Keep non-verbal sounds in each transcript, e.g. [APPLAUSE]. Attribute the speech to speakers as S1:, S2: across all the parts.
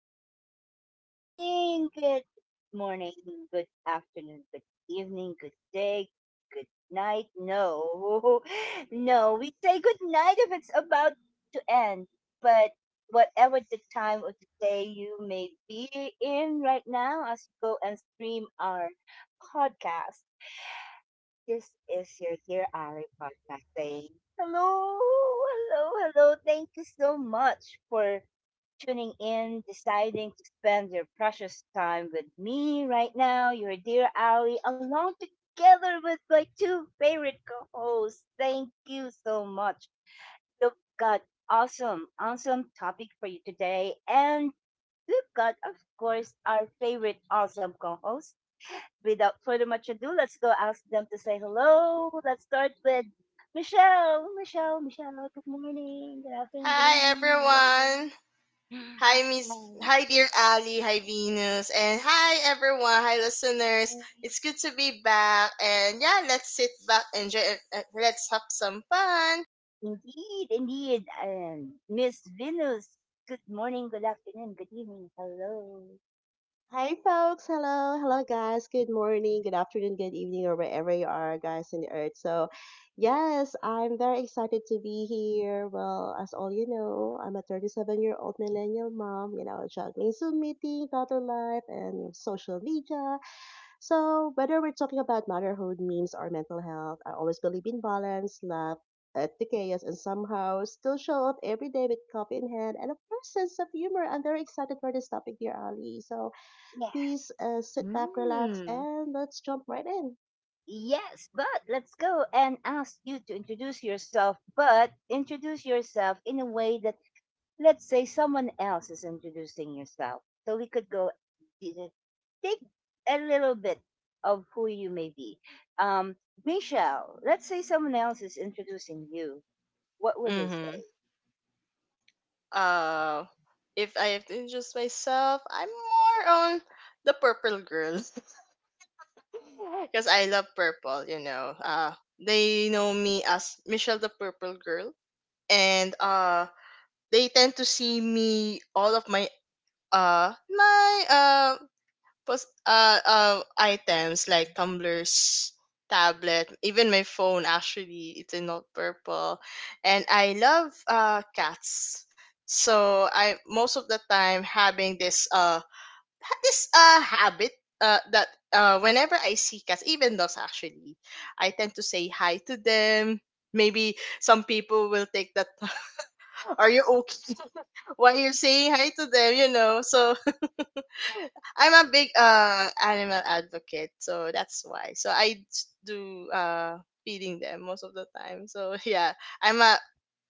S1: afternoon, good evening. Good morning, good afternoon, good evening, good day, good night. No. [LAUGHS] No, we say good night if it's about to end. But whatever the time of the day you may be in right now as you go and stream our podcast, this is your Dear Ari podcast saying hello, hello, hello. Thank you so much for tuning in, deciding to spend your precious time with me right now, your dear Ali, along together with my two favorite co hosts. Thank you so much. We've got awesome, awesome topic for you today. And we've got, of course, our favorite awesome co host. Without further much ado, let's go ask them to say hello. Let's start with Michelle. Michelle, Michelle, good morning, good afternoon, good
S2: Hi
S1: evening.
S2: everyone.
S1: Hello.
S2: Hi,
S1: [SIGHS]
S2: dear Ali, hi Venus, and hi everyone, hi listeners. It's good to be back, and yeah, let's sit back, enjoy it. Let's have some fun.
S1: Indeed, indeed. Miss Venus, good morning, good afternoon, good evening, hello.
S3: Hi, folks. Hello. Hello, guys. Good morning, good afternoon, good evening, or wherever you are, guys, in the earth. Yes, I'm very excited to be here. Well, as all you know, I'm a 37-year-old millennial mom, you know, juggling Zoom meeting, daughter life, and social media. So, whether we're talking about motherhood, memes, or mental health, I always believe in balance, love, at the chaos and somehow still show up every day with coffee in hand and a course sense of humor. I'm very excited for this topic, dear Ali. So
S1: Yes,
S3: please sit back, relax,
S2: Hmm.
S3: and let's jump right in.
S1: yes, but let's go and ask you to introduce yourself, but introduce yourself in a way that, let's say, someone else is introducing yourself. So we could go take a little bit of who you may be. Um, Michelle, let's say someone else is introducing you. What would they say?
S2: Mhm. Uh if I have to introduce myself, I'm more on the purple girl [LAUGHS] because I love purple. They know me as Michelle the Purple Girl, and they tend to see me. All of my items, like tumblers, tablet, even my phone, actually it's in not purple. And I love cats, so I, most of the time, having this habit, that whenever I see cats, even dogs, actually, I tend to say hi to them. Maybe some people will take that, [LAUGHS] are you okay? [LAUGHS] while you're saying hi to them. So I'm a big animal advocate, so that's why. So I do feeding them most of the time. So [LAUGHS] yeah, I'm a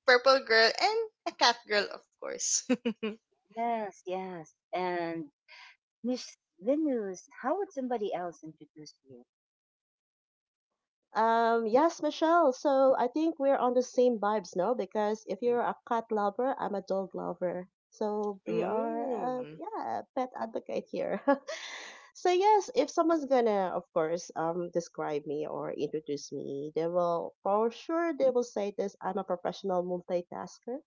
S2: purple girl and a cat girl, of course. [LAUGHS]
S1: Yes, yes. And Miss Venus, how would somebody else introduce you?
S3: Yes, Michelle. So I think we're on the same vibes now because if you're a cat lover, I'm a dog lover. So we are,
S2: Ooh.
S3: yeah, pet advocate here. [LAUGHS] So yes, if someone's gonna, of course, describe me or introduce me, they will for sure they will say this. I'm a professional multitasker,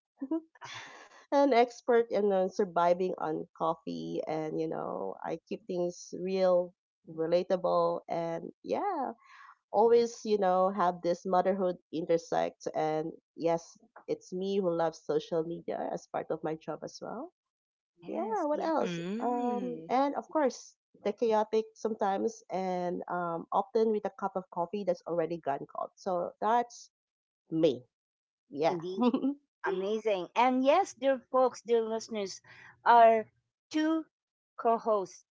S3: an expert in surviving on coffee, and you know, I keep things real, relatable, and yeah, always, you know, have this motherhood intersect. And yes, it's me who loves social media as part of my job as well. Yeah,
S1: Yes,
S3: what
S1: yes,
S3: else?
S2: Mm.
S3: And of course, the chaotic sometimes, and often with a cup of coffee that's already gone cold. So that's me. Yeah. [LAUGHS]
S1: indeed. Amazing. And yes, dear folks, dear listeners, our two co hosts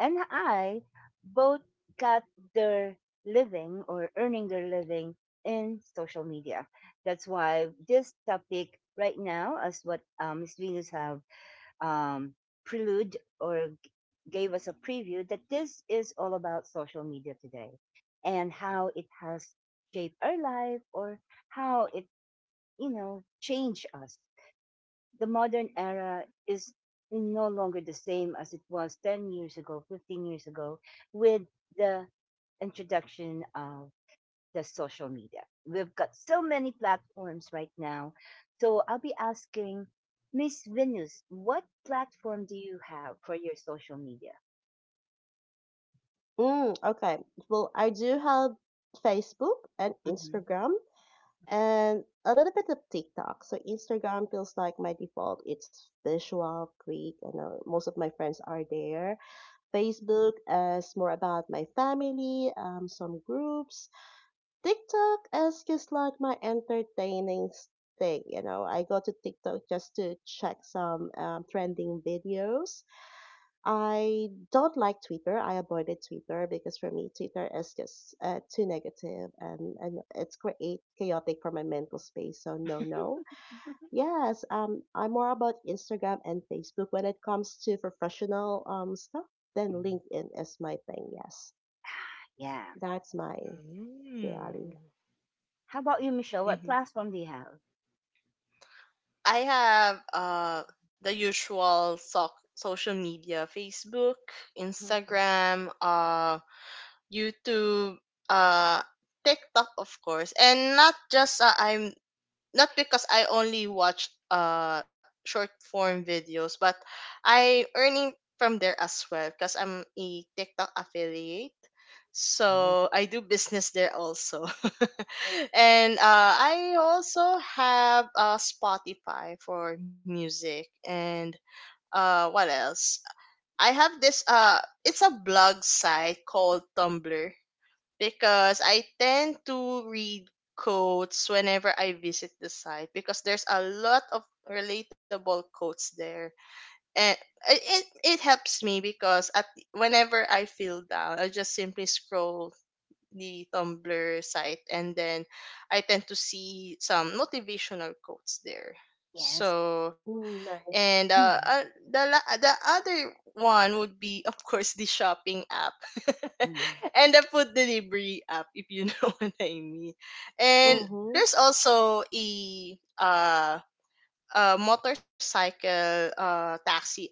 S1: and I both got their living or earning their living in social media. That's why this topic right now is what Miss Venus have um, prelude or gave us a preview that this is all about social media today and how it has shaped our life or how it, you know, changed us. The modern era is no longer the same as it was 10 years ago, 15 years ago, with the introduction of the social media. We've got so many platforms right now. So I'll be asking Miss Venus, what platform do you have for your social media?
S3: Mm, okay. Well, I do have Facebook and
S1: Hmm.
S3: Instagram and a little bit of TikTok. So Instagram feels like my default. It's visual, quick, and most of my friends are there. Facebook is more about my family, some groups. TikTok is just like my entertaining thing. You know, I go to TikTok just to check some trending videos. I don't like Twitter. I avoided Twitter because for me, Twitter is just too negative, and it's create chaotic for my mental space. So no, no. Yes, I'm more about Instagram and Facebook. When it comes to professional stuff, then LinkedIn is my thing. Yes,
S1: Yeah.
S3: that's mine, really,
S2: Mm.
S3: Ali.
S1: How about you, Michelle? What
S2: Mhm.
S1: platform do you have?
S2: I have the usual social media: Facebook,
S1: Mhm.
S2: Instagram, YouTube, uh TikTok, of course. And not just, I'm not, because I only watch short form videos, but I earning from there as well, because I'm a TikTok affiliate.
S1: Yes.
S2: So I do business there also. [LAUGHS] And I also have Spotify for music, and what else? I have this, it's a blog site called Tumblr, because I tend to read quotes whenever I visit the site, because there's a lot of relatable quotes there. And it helps me, because at, whenever I feel down, I just simply scroll the Tumblr site, and then I tend to see some motivational quotes there.
S1: Yes.
S2: So,
S3: Mm,
S2: and
S3: nice.
S2: uh, uh
S1: Mhm.
S2: the other one would be, of course, the shopping app, [LAUGHS]
S1: Mhm.
S2: and the food delivery app, if you know [LAUGHS] what I mean. And
S1: Mhm.
S3: Mhm.
S2: there's also a motorcycle taxi app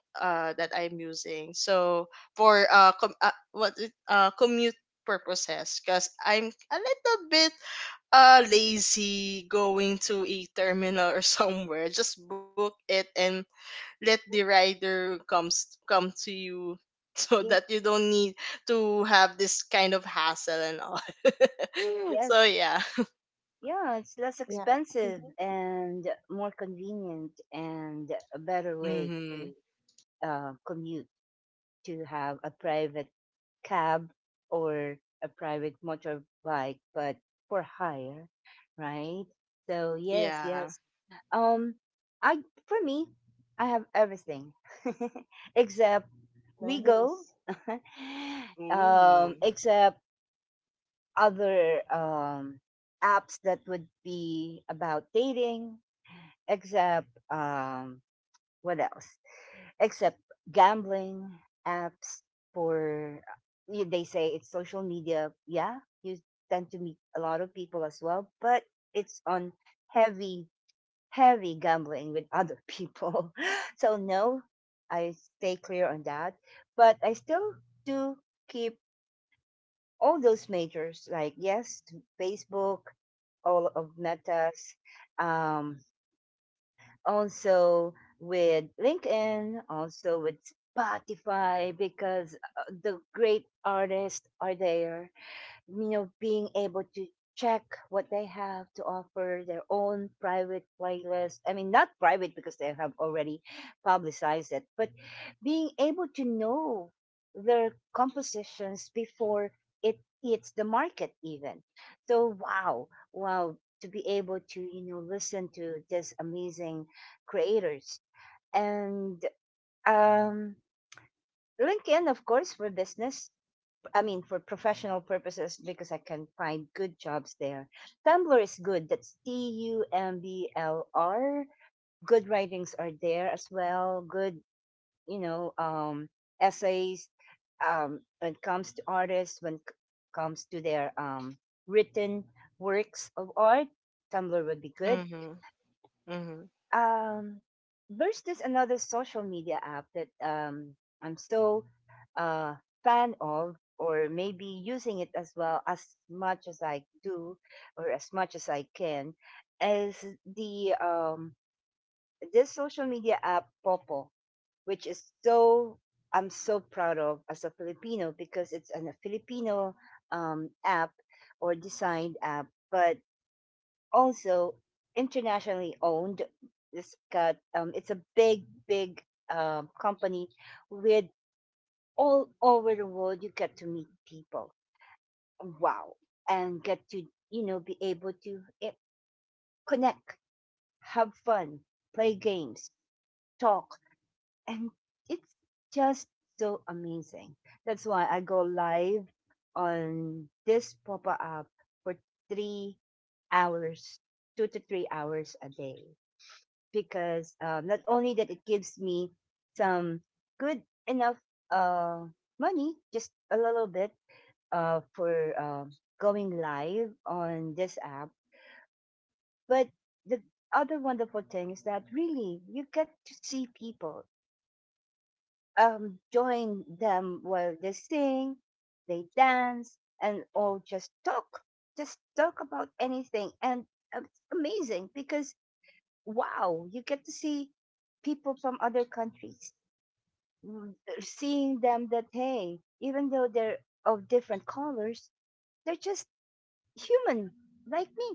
S2: that I'm using, so for commute purposes, because I'm a little bit lazy going to a terminal or [LAUGHS] somewhere, just book it and let the rider come to you, [LAUGHS] so
S1: Yes.
S2: that you don't need to have this kind of hassle and all. [LAUGHS] So
S1: Yes.
S2: yeah.
S1: Yeah, it's less
S3: Yeah.
S1: expensive
S3: Mhm.
S1: and more convenient and a better way
S2: Mm-hmm.
S1: to commute, to have a private cab or a private motorbike, but for hire, right? So yes,
S2: Yeah.
S1: yes. Um, I, for me, I have everything [LAUGHS] except we go,
S3: Nice.
S1: [LAUGHS]
S2: Ooh.
S1: except other apps that would be about dating, except what else? Except gambling apps for they say it's social media. Yeah, you tend to meet a lot of people as well, but it's on heavy heavy gambling with other people. [LAUGHS] So no, I stay clear on that. But I still do keep all those majors, like yes, Facebook, all of Meta's, um, also with LinkedIn, also with Spotify, because the great artists are there, you know, being able to check what they have to offer, their own private playlist. I mean, not private, because they have already publicized it, but being able to know their compositions before it hits the market even. So wow, wow, to be able to, you know, listen to these amazing creators. And um LinkedIn, of course, for business. I mean, for professional purposes, because I can find good jobs there. Tumblr is good. That's Tumblr. Good writings are there as well. Good, you know, essays. When it comes to artists, when it comes to their written works of art, Tumblr would be good.
S2: Mm-hmm. Mm-hmm.
S1: um there's this another social media app that I'm so uh fan of, or maybe using it as well as much as I do or as much as I can, is the this social media app Popo, which is so, I'm so proud of as a Filipino because it's an, a Filipino app or designed app, but also internationally owned. This got it's a big, big company with all over the world. You get to meet people, wow, and get to, you know, be able to connect, have fun, play games, talk, and it's just so amazing. That's why I go live on this pop up for 3 hours, 2 to 3 hours a day. Because not only that it gives me some good enough uh, money, just a little bit for going live on this app, but the other wonderful thing is that really you get to see people, join them while they sing, they dance, and all just talk about anything, and it's amazing because wow, you get to see people from other countries. Seeing them that hey, even though they're of different colors, they're just human like me,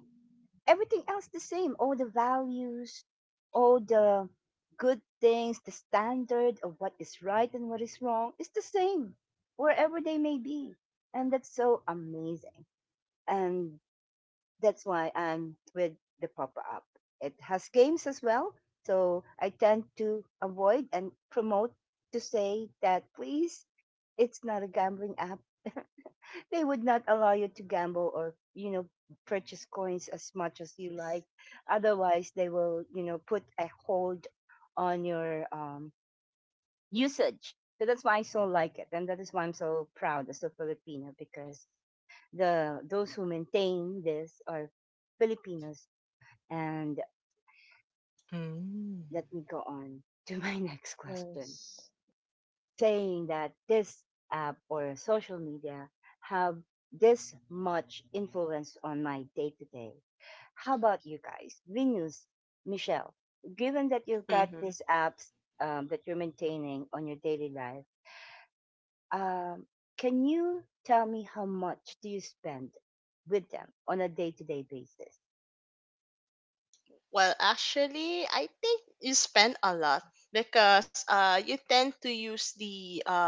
S1: everything else the same, all the values, all the good things, the standard of what is right and what is wrong is the same wherever they may be. And that's so amazing. And that's why I'm with the pop Up. It has games as well, so I tend to avoid and promote to say that please, it's not a gambling app. [LAUGHS] They would not allow you to gamble or, you know, purchase coins as much as you like. Otherwise, they will, you know, put a hold on your usage. So that's why I so like it, and that is why I'm so proud as a Filipino because the those who maintain this are Filipinos. And
S2: Mm.
S1: let me go on to my [LAUGHS] next question,
S3: Nice.
S1: saying that this app or social media have this much influence on my day to day. How about you guys? Venus, Michelle, given that you've got
S2: Mm-hmm.
S1: these apps that you're maintaining on your daily life, um, can you tell me how much do you spend with them on a day to day basis?
S2: Well, actually, I think you spend a lot, because you tend to use the,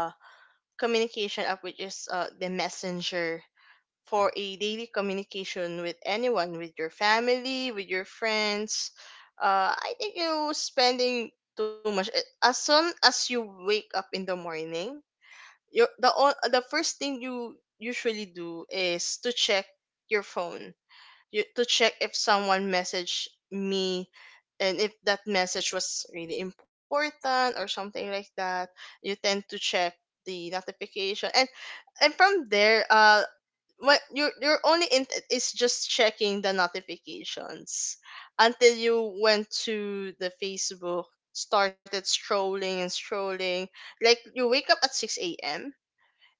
S2: communication app, which is, the messenger, for a daily communication with anyone, with your family, with your friends. I think you spending too much. As soon as you wake up in the morning, the first thing you usually do is to check your phone, to check if someone messaged me, and if that message was really important or something like that. You tend to check the notification, and from there, what your only intent is, just checking the notifications, until you went to the Facebook, started strolling and strolling. Like, you wake up at 6 a.m.,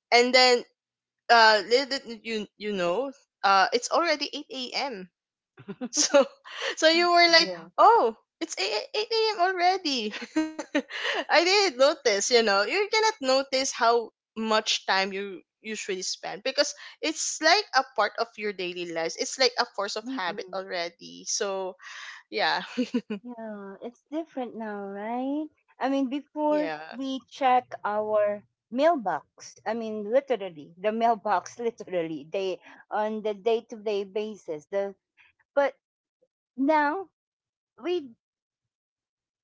S2: and then little did you know, it's already 8 a.m. So, [LAUGHS] so you were like,
S3: Yeah.
S2: oh, it's 8 eight a.m. already. [LAUGHS] I didn't notice, you know. You cannot notice how much time you usually spend, because it's like a part of your daily lives. It's like a force of habit
S1: [LAUGHS]
S2: already. So, yeah. [LAUGHS]
S1: Yeah, it's different now, right? I mean,
S2: Yeah.
S1: before we check our mailbox, I mean, literally, the mailbox, [LAUGHS] literally, they on the day-to-day basis. The but now we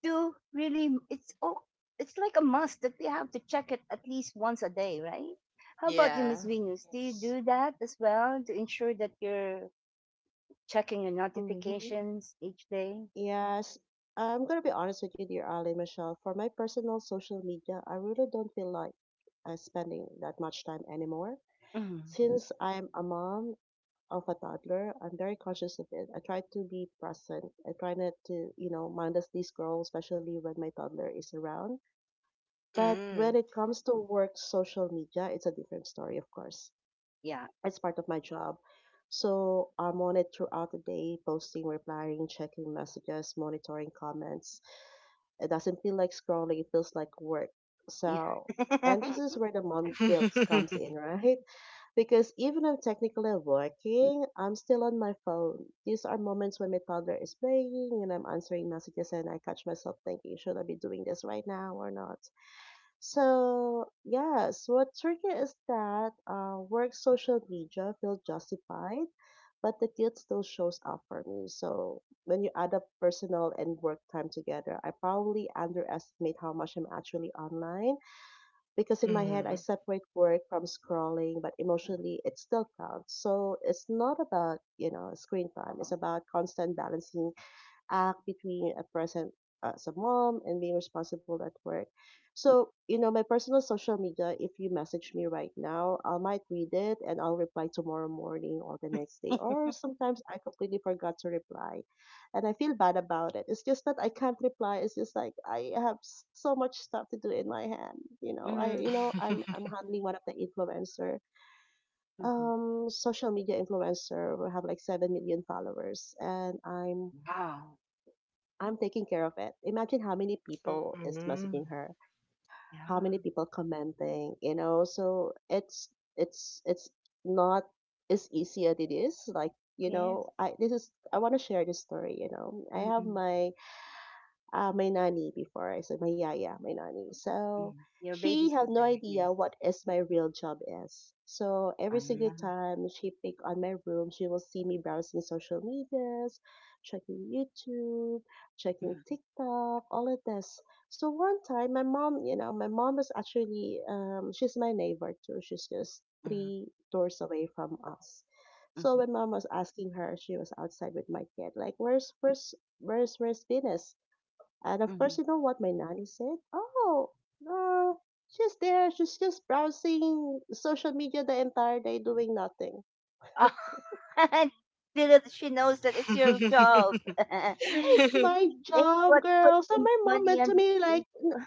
S1: do really. It's all. It's like a must that we have to check it at least once a day, right? How about you,
S2: Yeah.
S1: Miss Venus? Do you
S3: Yes.
S1: do that as well to ensure that you're checking your
S3: Mhm.
S1: notifications each day?
S3: Yes, I'm gonna be honest with you, dear Ali, Michelle. For my personal social media, I really don't feel like spending that much time anymore.
S1: Mhm.
S3: Since I'm a mom of a toddler, I'm very conscious of it. I try to be present. I try not to, you know, mindlessly scroll, especially when my toddler is around. But
S2: Mm.
S3: when it comes to work social media, it's a different story, of course.
S1: Yeah.
S3: It's part of my job. So I'm on it throughout the day, posting, replying, checking messages, monitoring comments. It doesn't feel like scrolling, it feels like work. So, and this is
S1: [LAUGHS]
S3: where the mom
S2: [LAUGHS]
S3: guilt comes in,
S2: mm.
S3: right? [LAUGHS] Because even I'm technically working, I'm still on my phone. These are moments when my toddler is playing and I'm answering messages, and I catch myself thinking, should I be doing this right now or not? So yes, what trigger is that work social media feel justified, but the guilt still shows up for me. So when you add up personal and work time together, I probably underestimate how much I'm actually online, because in my head I separate work from scrolling, but emotionally it still counts. So it's not about, you know, screen time. It's about constant balancing act between a present as a mom and being responsible at work. So, you know, my personal social media, if you message me right now, I might read it and I'll reply tomorrow morning or the next day.
S1: Yeah.
S3: Or sometimes I completely forgot to reply and I feel bad about it. It's just that I can't reply. It's just like I have so much stuff to do in my hand. You know, I you
S1: Mm,
S3: know, I'm handling one of the influencer,
S1: mhm.
S3: social media influencer who have like 7 million followers, and I'm
S1: Wow.
S3: I'm taking care of it. Imagine how many people is
S2: Mm.
S3: messaging her, how many
S1: Yeah.
S3: people commenting, you know. So it's not as easy as it is. Like, you
S1: Yes.
S3: know, I want to share this story. You know, I have
S1: Mm-mm,
S3: my my nanny before. I said my yaya, my nanny. So
S1: mm. Your
S3: she had no
S1: babysitter.
S3: idea
S1: Yes.
S3: what is my real job is. So every
S1: Ah.
S3: single time she pick on my room, she will see me browsing social medias, checking YouTube, checking
S1: Mm,
S3: TikTok, all of this. So one time, my mom, you know, my mom is actually, she's my neighbor too. She's just
S1: mm,
S3: three doors away from us. So
S1: mhm,
S3: when mom was asking her, she was outside with my kid, like, where's Venus? And of
S1: mhm.
S3: course, you know what my nanny said? Oh, no, she's there. She's just browsing social media the entire day doing nothing.
S1: Oh, [LAUGHS] so that she knows that it's your job. [LAUGHS] It's
S3: It's
S2: [LAUGHS]
S3: my job,
S1: what put
S3: girl. So
S1: the
S3: my mom
S1: money
S3: went
S1: on
S3: to
S1: the
S3: me like,
S1: table.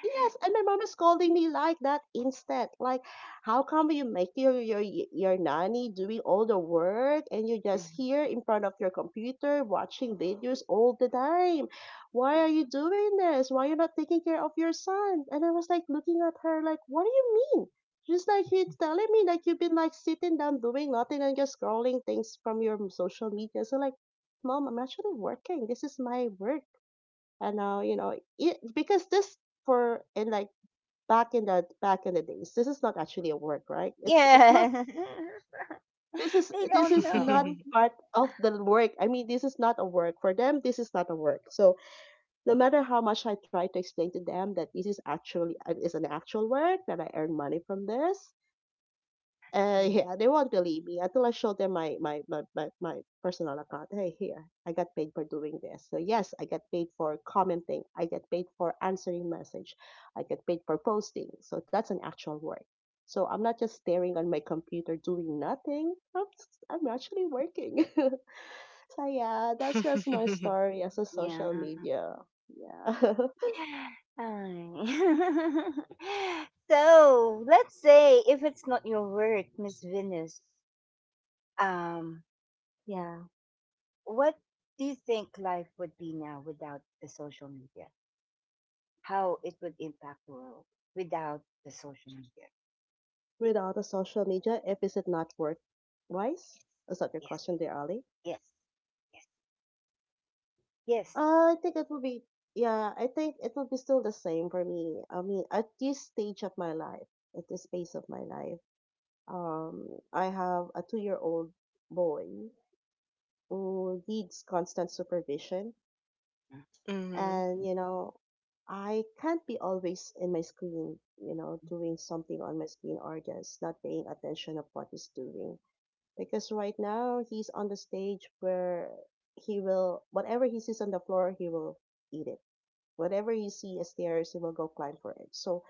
S3: yes, and my mom is scolding me like that instead. Like, how come you make your nanny doing all the work and you're
S1: Mm.
S3: just here in front of your computer watching videos all the time? Why are you doing this? Why you not taking care of your son? And I was like looking at her like, what do you mean? She's like, you're telling me like you've been like sitting down doing nothing and just scrolling things from your social media. So like, mom, I'm actually working. This is my work. And now, you know, it, because this for, in like, back in the days, this is not actually a work, right? It's not
S1: Yeah.
S3: this
S1: [LAUGHS]
S3: is
S1: They
S3: This
S1: don't
S3: is not
S1: know.
S2: [LAUGHS]
S3: part of the work. I mean, this is not a work for them. This is not a work. So no matter how much I try to explain to them that this is actually is an actual work that I earn money from this, uh,
S1: Mm.
S3: yeah, they won't believe me until I show them my personal account. Hey, here, I got paid for doing this. So yes, I got paid for commenting. I got paid for answering message. I got paid for posting. So that's an actual work. So I'm not just staring on my computer doing nothing. I'm actually working. [LAUGHS] So yeah, that's just my story as a
S1: Yeah.
S3: social media. Yeah,
S1: Ay. [LAUGHS] So let's say if it's not your work, Miss Venus. Um,
S3: [LAUGHS] yeah.
S1: what do you think life would be now without the social media? How it would impact the world without the social media?
S3: Without the social media, if is it not work wise? Is that your
S1: Yes,
S3: question there, Ali?
S1: yes, yes, yes.
S3: I think it will be, yeah, I think it will be still the same for me. I mean, at this stage of my life, at this phase of my life, um, I have a two-year-old boy who needs constant supervision,
S2: Mhm.
S3: and you know, I can't be always in my screen, you know, doing something on my screen or just not paying attention of what he's doing. Because right now he's on the stage where he will, whatever he sees on the floor, he will eat it. Whatever you see as theirs, you will go climb for it. So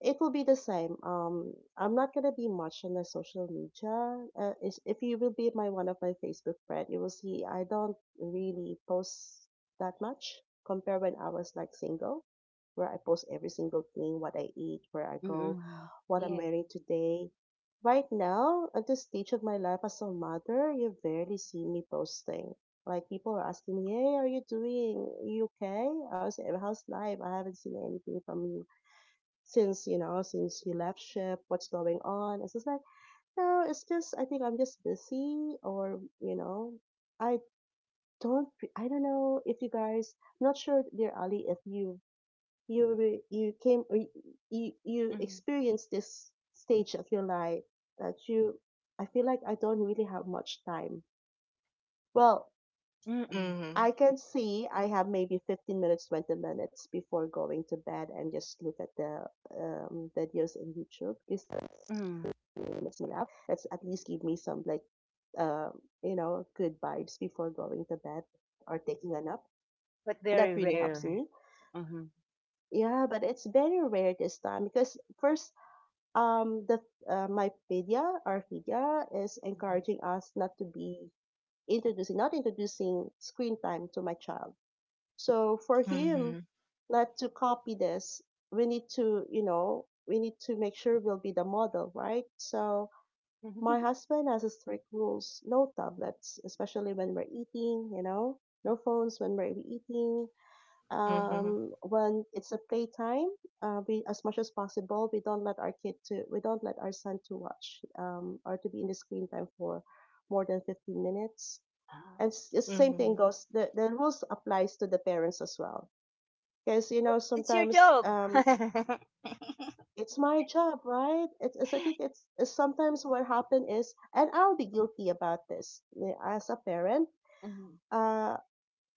S3: it will be the same. I'm not gonna be much on the social media. If you will be my one of my Facebook friend, you will see I don't really post that much compared when I was like single, where I post every single thing, what I eat, where I go,
S1: Mm-hmm.
S3: what I'm
S1: Yes.
S3: wearing today. Right now, at this stage of my life as a mother, you barely see me posting. Like people are asking me, "Hey, are you doing? You okay? How's life? I haven't seen anything from you since, you know, since you left ship. What's going on?" It's just like, no, it's just I think I'm just busy. Or you know, i I don't know if you guys, not sure, dear Ali, if you you re- you came or y- you
S1: Mm-hmm.
S3: experienced this stage of your life, that you, I feel like I don't really have much time. Well,
S1: Mm-hmm.
S3: I
S2: Mhm.
S3: can see I have maybe 15 minutes, 20 minutes before going to bed and just look at the videos in YouTube is
S1: Mm-hmm.
S3: limits me up. It's at least give me some like, um, you know, good vibes before going to bed or taking a nap.
S1: But
S3: That
S1: very
S3: really helps
S1: rare.
S3: me.
S1: Mm-hmm.
S3: Yeah, but it's very rare this time because first the my pedia or pedia is encouraging us not introducing screen time to my child. So for him
S2: Mhm.
S3: not to copy this, we need to, you know, we need to make sure we'll be the model, right? So
S1: [LAUGHS]
S3: my husband has a strict rules. No tablets, especially when we're eating, you know. No phones when we're eating.
S2: Mhm. [LAUGHS]
S3: When it's a playtime, we as much as possible we don't let our son to watch or to be in the screen time for more than 15 minutes. And the same thing
S2: Mhm.
S3: goes the rules applies to the parents as well. Because you know
S1: Well, it's your
S3: sometimes
S1: job. [LAUGHS]
S3: it's my job, right? It's I think it's sometimes what happened is, and I'll be guilty about this as a parent. Uh,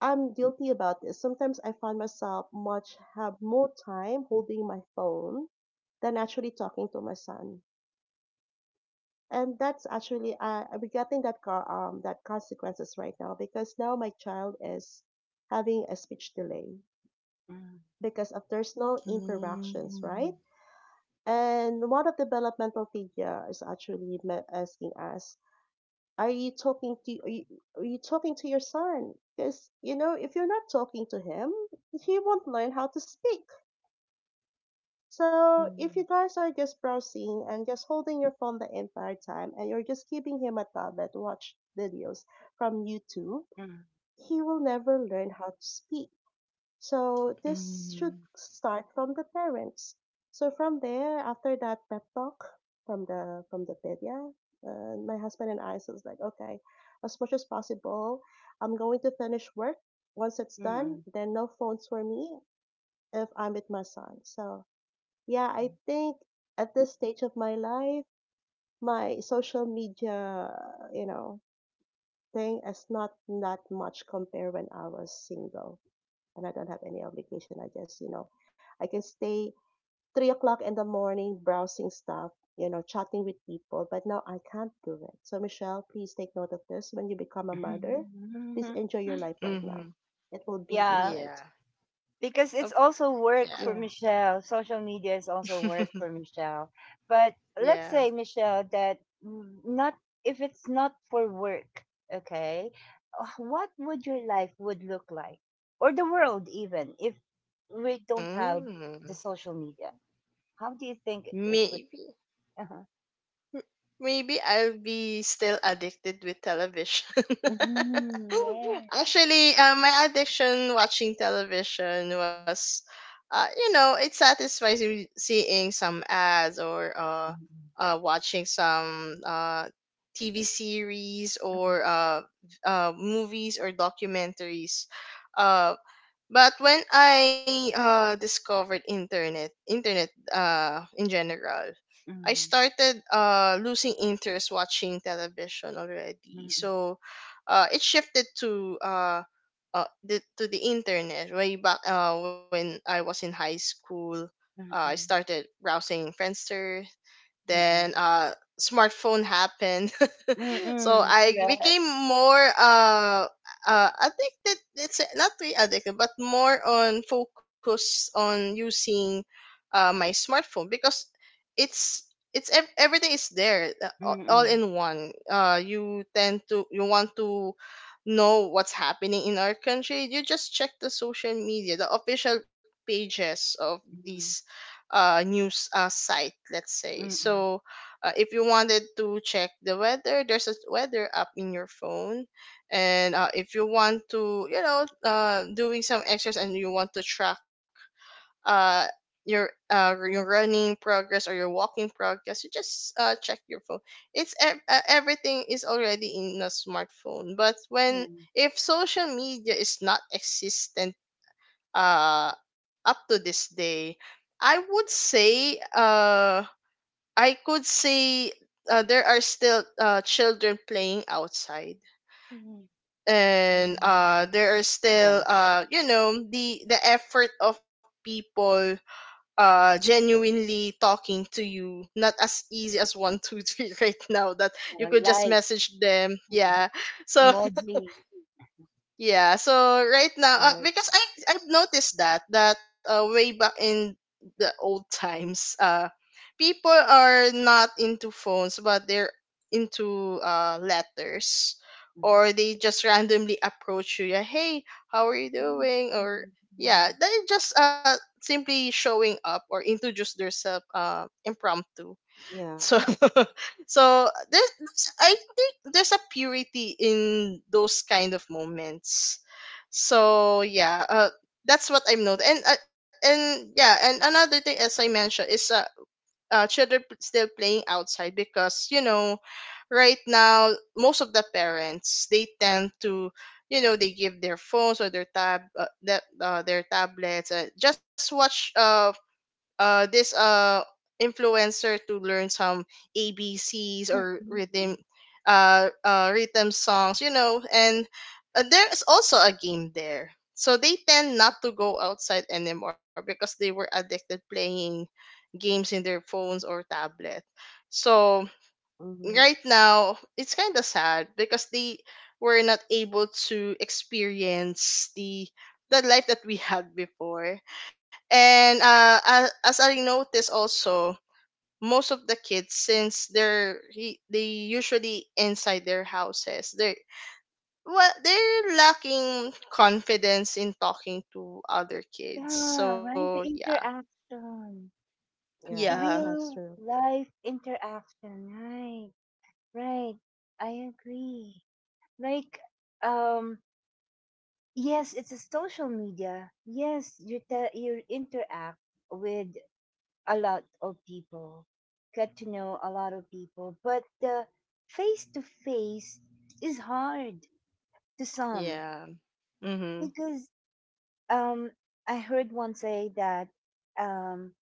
S3: I'm guilty about this. Sometimes I find myself much have more time holding my phone than actually talking to my son. And that's actually I'm getting that car that consequences right now because now my child is having a speech delay because of there's no interactions,
S2: Mm.
S3: right? And one of the developmental figure is actually asking us, "Are you talking to are you talking to your son? Because you know, if you're not talking to him, he won't learn how to speak. So if you
S1: Mhm,
S3: guys are just browsing and just holding your phone the entire time, and you're just giving him a tablet to watch videos from YouTube,
S1: mhm, mhm,
S3: he will never learn how to speak. So this should
S2: Mhm.
S3: start from the parents. So from there, after that pep talk from the Vidya, my husband and I so was like, okay, as much as possible, I'm going to finish work. Once it's done,
S1: mhm,
S3: then no phones for me if I'm with my son. So yeah, I think at this stage of my life, my social media, you know, thing is not that much compared when I was single and I don't have any obligation. I just, you know, I can stay 3 o'clock in the morning browsing stuff, you know, chatting with people, but now I can't do it. So, Michelle, please take note of this. When you become a mother, please
S1: mhm.
S3: enjoy your life right now.
S2: Mhm.
S3: It will
S1: [LAUGHS]
S3: be
S1: Yeah.
S3: different.
S2: Yeah.
S1: Because it's
S2: Of
S1: also work
S2: yeah.
S1: for
S3: Yeah.
S1: Michelle. Social media is also work for
S2: [LAUGHS]
S1: Michelle. But let's
S2: yeah.
S1: say Michelle that not, if it's not for work, okay? What would your life would look like or the world even if we don't have the
S2: Mm.
S1: social media? How do you think it
S2: Me
S1: would? Uh-huh.
S2: Maybe I'll be still addicted with television. [LAUGHS]
S1: Mm, yeah.
S2: Actually, my addiction watching television was, it satisfies me seeing some ads or,
S1: Mm,
S2: watching some TV series or movies or documentaries. Uh, but when I, discovered internet, in general,
S1: mm,
S2: I
S1: mm,
S2: started losing interest watching television already. So, it shifted to the internet, way back, when I was in high school.
S1: mm,
S2: I
S1: mm, mm,
S2: started browsing Friendster,
S1: mm,
S2: then
S1: mm,
S2: smartphone happened. [LAUGHS]
S1: mm,
S2: So
S1: mm,
S2: I became
S1: correct.
S2: more addicted. It's not really addicted, but more on focus on using, my smartphone, because it's everything is there, all
S1: Mm,
S2: all
S1: mm,
S2: in one. You tend to you want to know what's happening in our country. You just check the social media, the official pages of these,
S1: mm,
S2: news site, let's say.
S1: mm,
S2: So, if you wanted to check the weather, there's a weather app in your phone. And if you want to, doing some exercise, and you want to track, uh, your your running progress or your walking progress, you just check your phone. Everything is already in a smartphone. But when
S1: mm.
S2: if social media is not existent uh up to this day, i would say uh i could say, there are still children playing outside,
S1: Mhm.
S2: and
S1: Hmm.
S2: there are still,
S3: Yes.
S2: the effort of people genuinely talking to you, not as easy as one two three [LAUGHS] right now, that you could just
S1: Alright,
S2: message them,
S1: uh-huh,
S2: yeah,
S1: [LAUGHS]
S2: so.
S1: emoji.
S2: Yeah, so right now, because
S3: Yes.
S2: I've noticed that, way back in the old times, people are not into phones, but they're into letters,
S1: Mhm.
S2: or they just randomly approach you. Yeah, hey, how are you
S1: Mm,
S2: doing? Or yeah,
S1: mm.
S2: they just simply showing up, or introduce themselves impromptu.
S3: Yeah.
S2: So, [LAUGHS] so I think there's a purity in those kind of moments. So yeah, that's what I've noticed. And yeah, and another thing, as I mentioned, is children still playing outside, because right now most of the parents, they tend to, they give their phones, or their tablets, just watch, this influencer, to learn some ABCs or
S1: Mm, mm.
S2: rhythm songs, and there's also a game there. So they tend not to go outside anymore, because they were addicted playing games in their phones or tablet. So
S3: Mm-hmm.
S2: right now it's kind of sad, because they were not able to experience the life that we had before, and as I noticed also, most of the kids, since they usually inside their houses, they're well, they're lacking confidence in talking to other kids,
S1: Yeah,
S2: so
S1: right, the
S2: yeah.
S1: interaction, the
S2: Yeah.
S3: Yes, that's
S1: real
S3: true.
S1: life interaction, right, right, I agree. Like, um, yes, it's a social media. Yes, you interact with a lot of people, get to know a lot of people, but the face to face is hard to some.
S2: Yeah. Mm-hmm.
S1: Because um I heard one say that um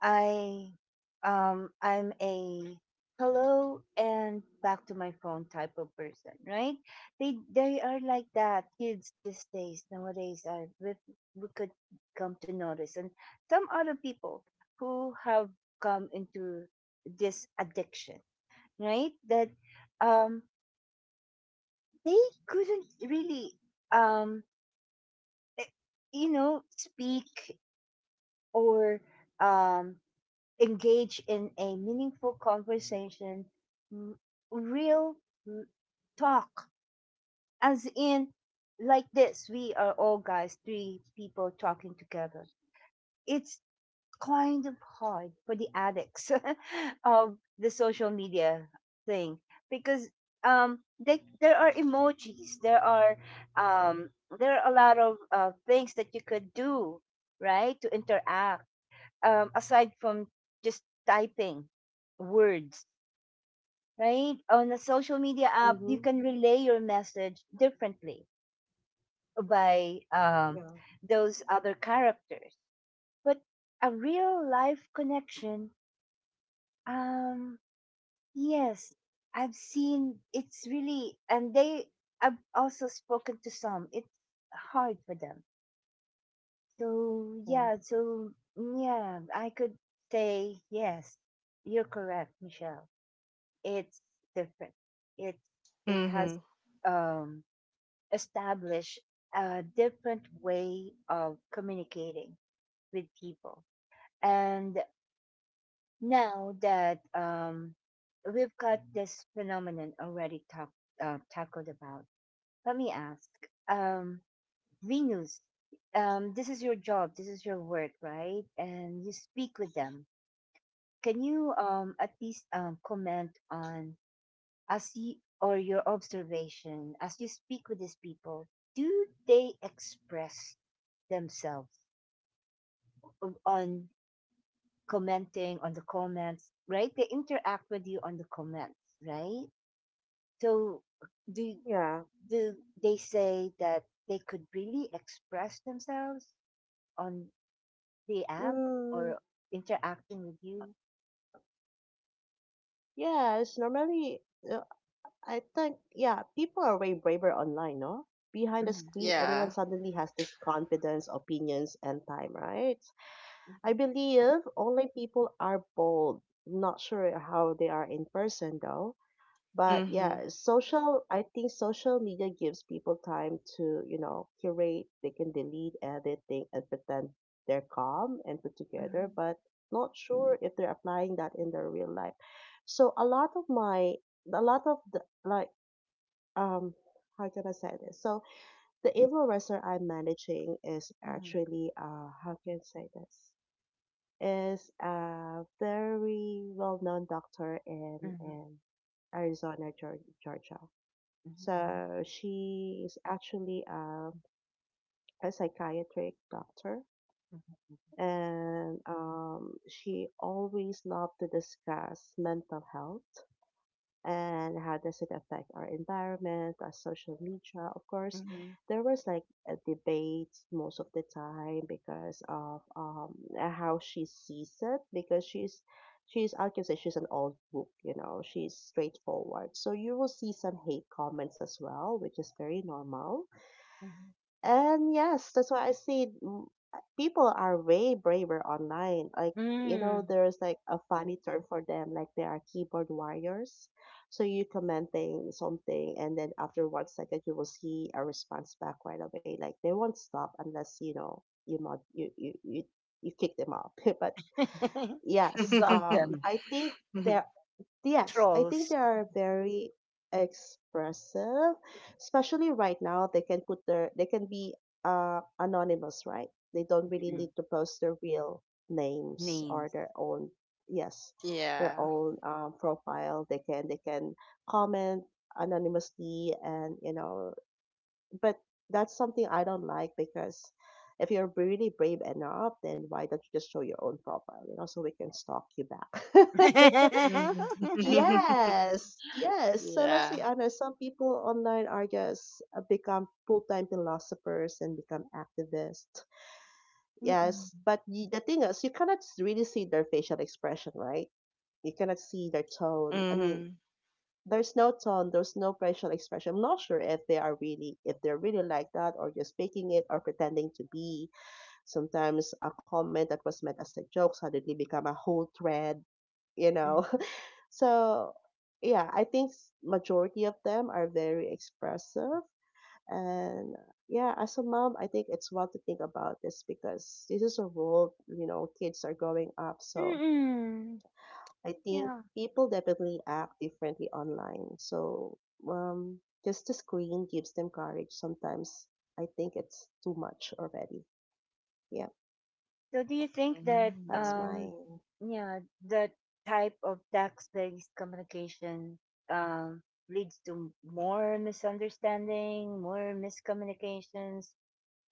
S1: I I'm a hello and back to my phone type of person, right? They are like that. Kids these days nowadays, are we could come to notice, and some other people who have come into this addiction, right? That um they couldn't really, um eh, you know, speak or um, engage in a meaningful conversation, m- real m- talk, as in like this. We are all guys, three people talking together. It's kind of hard for the addicts [LAUGHS] of the social media thing, because there are emojis, um there are a lot of things that you could do, right, to interact, aside from just typing words, right, on a social media app. You
S3: Mm-hmm.
S1: can relay your message differently by
S3: Yeah.
S1: those other characters. But a real life connection, Um, yes, I've seen, it's really, I've also spoken to some. It's hard for them. So
S3: Yeah.
S1: yeah, so yeah, I could say, yes, you're correct, Michelle. It's different. It, it has
S2: Mm-hmm.
S1: um, established a different way of communicating with people. And now that we've got this phenomenon already tackled about, let me ask um, Venus, this is your job, this is your work, right? And you speak with them. Can you at least comment on as you, or your observation as you speak with these people? Do they express themselves on commenting on the comments, right? They interact with you on the comments, right? So do
S3: Yeah.
S1: do they say that they could really express themselves on the app
S3: Mm,
S1: or interacting with you?
S3: yes. Normally, uh, I think, yeah, people are way braver online, no? Behind the
S1: Mhm,
S3: screen,
S2: Yeah.
S3: everyone suddenly has this confidence, opinions, and time, right?
S1: mhm,
S3: I believe online people are bold. Not sure how they are in person, though. But yeah, I think social media gives people time to, you know, curate. They can delete, edit, think, and pretend they're calm and put together,
S1: mhm,
S3: but not sure if they're applying that in their real life. So a lot of my, a lot of the, like, um how can I say this? So the influencer I'm managing is actually how can I say this? Is a very well known doctor
S1: mhm,
S3: in Arizona, Georgia.
S1: mhm, mhm,
S3: So she is actually a psychiatric doctor
S1: mhm,
S3: and she always loved to discuss mental health and how does it affect our environment, our social media? Of course,
S1: mhm, mhm,
S3: there was like a debate most of the time because of how she sees it because she's I can say she's an old book, you know, she's straightforward. So you will see some hate comments as well, which is very normal
S1: mhm.
S3: and yes, that's why I see people are way braver online. Like, you know,
S1: Mm.
S3: there's like a funny term for them, like they are keyboard warriors. So you commenting something, and then after 1 second, you will see a response back right away. Like they won't stop unless, you know, you mod you you you, you kick them out. [LAUGHS] But
S1: [LAUGHS] You
S3: yes,
S1: block
S2: Mm-hmm.
S1: them,
S3: I think there
S2: [LAUGHS]
S3: Yes, I think
S1: trolls.
S3: they are very expressive, especially right now. They can put their, they can be anonymous, right? They don't really
S1: Mm-mm.
S3: need to post their real names or
S1: Names.
S3: their own, yes, their
S2: Yeah.
S3: own profile. They can comment anonymously and, you know, but that's something I don't like because if you're really brave enough, then why don't you just show your own profile, you know, so we can stalk you back. [LAUGHS]
S2: Mhm.
S1: [LAUGHS]
S2: [LAUGHS]
S3: Yes, yes. So let's
S2: Yeah.
S3: be honest, some people online are just become full-time philosophers and become activists.
S1: Mm-mm.
S3: Yes, but y the thing is, you cannot really see their facial expression, right? You cannot see their tone. I mean,
S2: Mhm.
S3: there's no tone, there's no facial expression. I'm not sure if they are really, if they're really like that or just faking it or pretending to be. Sometimes a comment that was meant as a joke suddenly become a whole thread you know.
S1: Mm-mm.
S3: [LAUGHS] So yeah, I think majority of them are very expressive. And yeah, as a mom, I think it's well to think about this because this is a world, you know, kids are growing up. So
S1: Mm-mm.
S3: I think
S1: Yeah.
S3: people definitely act differently online. So um, just the screen gives them courage. Sometimes I think it's too much already. Yeah,
S1: So do you think that
S3: that's
S2: Mhm.
S3: my
S1: yeah that type of text based communication um leads to more misunderstanding, more miscommunications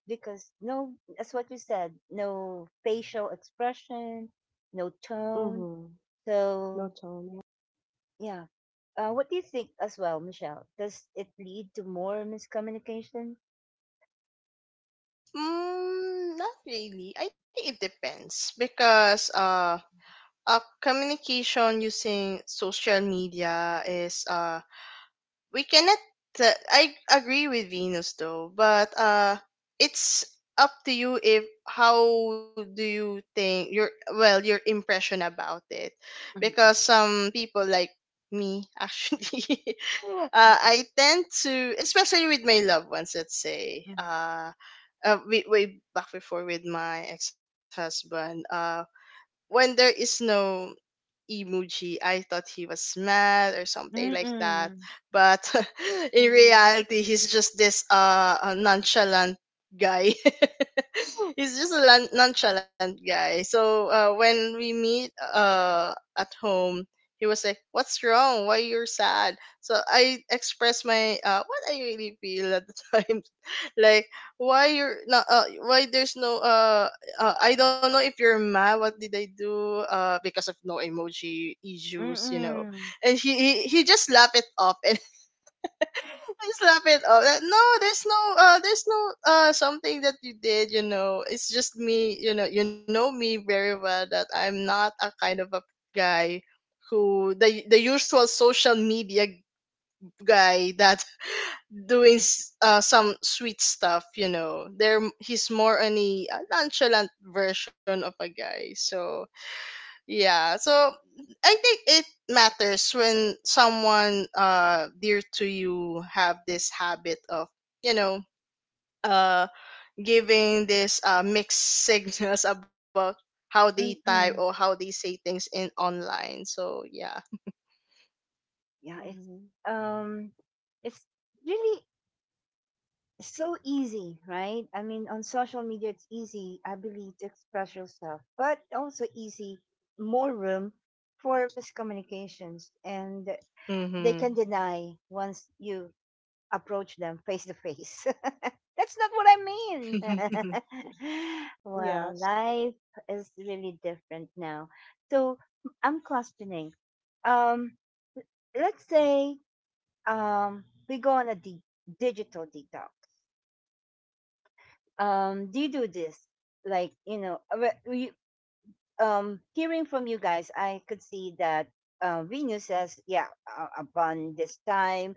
S1: because no that's what you said, no facial expression, no tone.
S3: mm-hmm.
S1: So
S3: No tone. Yeah.
S1: yeah. What do you think as well, Michelle? Does it lead to more miscommunication?
S2: Mm, not really. I think it depends, because communication using social media is, we cannot, I agree with Venus, though, but it's up to you. If how do you think your impression about it, because
S1: Mm-mm.
S2: some people, like me, actually, [LAUGHS]
S1: Mm-mm.
S2: I tend to, especially with my loved ones, let's say, way, way back before, with my ex-husband, when there is no emoji, I thought he was mad or something like that.
S1: Mm-mm.
S2: But [LAUGHS] in
S3: Mm-hmm.
S2: reality, he's just this nonchalant guy. [LAUGHS] He's just a nonchalant guy. So, when we meet at home, he was like, "What's wrong? Why you're sad?" So I expressed my, what I really feel at the [LAUGHS] time, like, why you're not why there's no, I don't know if you're mad. What did I do? Because of no emoji issues.
S1: Mm-mm.
S2: And he just laughed it off, and [LAUGHS] just laughed it off. That, no, there's no something that you did. It's just me. You know me very well, that I'm not a kind of a guy, who the usual social media guy, that doing some sweet stuff. There he's more on a, nonchalant version of a guy, so yeah. So I think it matters when someone, dear to you, have this habit of, you know uh giving this, mixed signals [LAUGHS] about how they type
S1: Mm-mm.
S2: or how they say things in online, so yeah.
S1: Yeah,
S3: Mm-hmm.
S1: um it's really so easy, right? I mean, on social media, it's easy, I believe, to express yourself, but also easy, more room for miscommunications, and they can
S2: Mm-hmm.
S1: deny once you approach them face to face. [LAUGHS] That's not what I mean. [LAUGHS] Well,
S3: Yes.
S1: life is really different now, so I'm questioning, um let's say we go on a digital detox. Do you do this, like, you know, hearing from you guys, I could see that Venus says yeah, upon this time,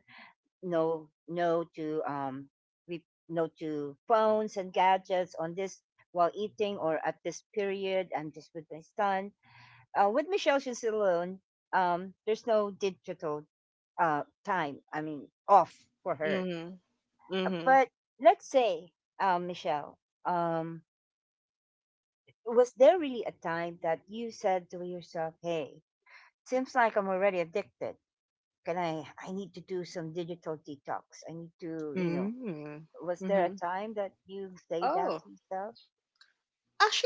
S1: no to no to phones and gadgets on this while eating, or at this period I'm just with my son, with Michelle, she's alone, there's no digital time, I mean, off for her.
S2: Mm-hmm. [LAUGHS]
S1: But
S2: Mhm.
S1: let's say, Michelle, um, was there really a time that you said to yourself, "Hey, seems like I'm already addicted. Can I? I need to do some digital detox. I need to, you know."
S2: Mm.
S1: Was there a
S2: Mhm.
S1: time that you say that to
S2: Oh,
S1: yourself?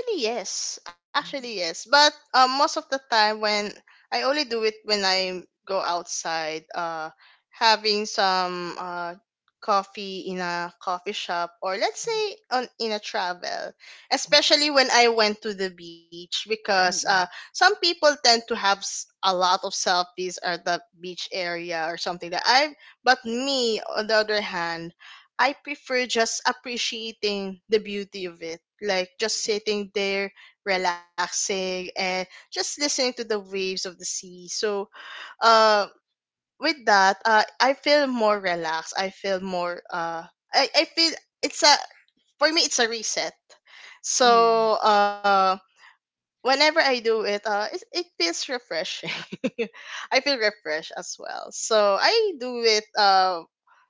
S2: actually yes.
S1: Mhm,
S2: Actually yes. But most of the time, when I only do it when I go outside, having some coffee in a coffee shop, or let's say on in a travel,
S1: mhm,
S2: especially when I went to the beach, because
S1: mhm, mhm,
S2: some people tend to have, a lot of selfies at the beach area, or something that I but me, on the other hand, I prefer just appreciating the beauty of it, like just sitting there, relaxing, and just listening to the waves of the sea. So, uh, with that, I feel more relaxed. I feel more, I feel it's a, for me, it's a reset.
S1: mhm.
S2: So, whenever I do it, it feels refreshing. [LAUGHS] I feel refreshed as well. So, I do it,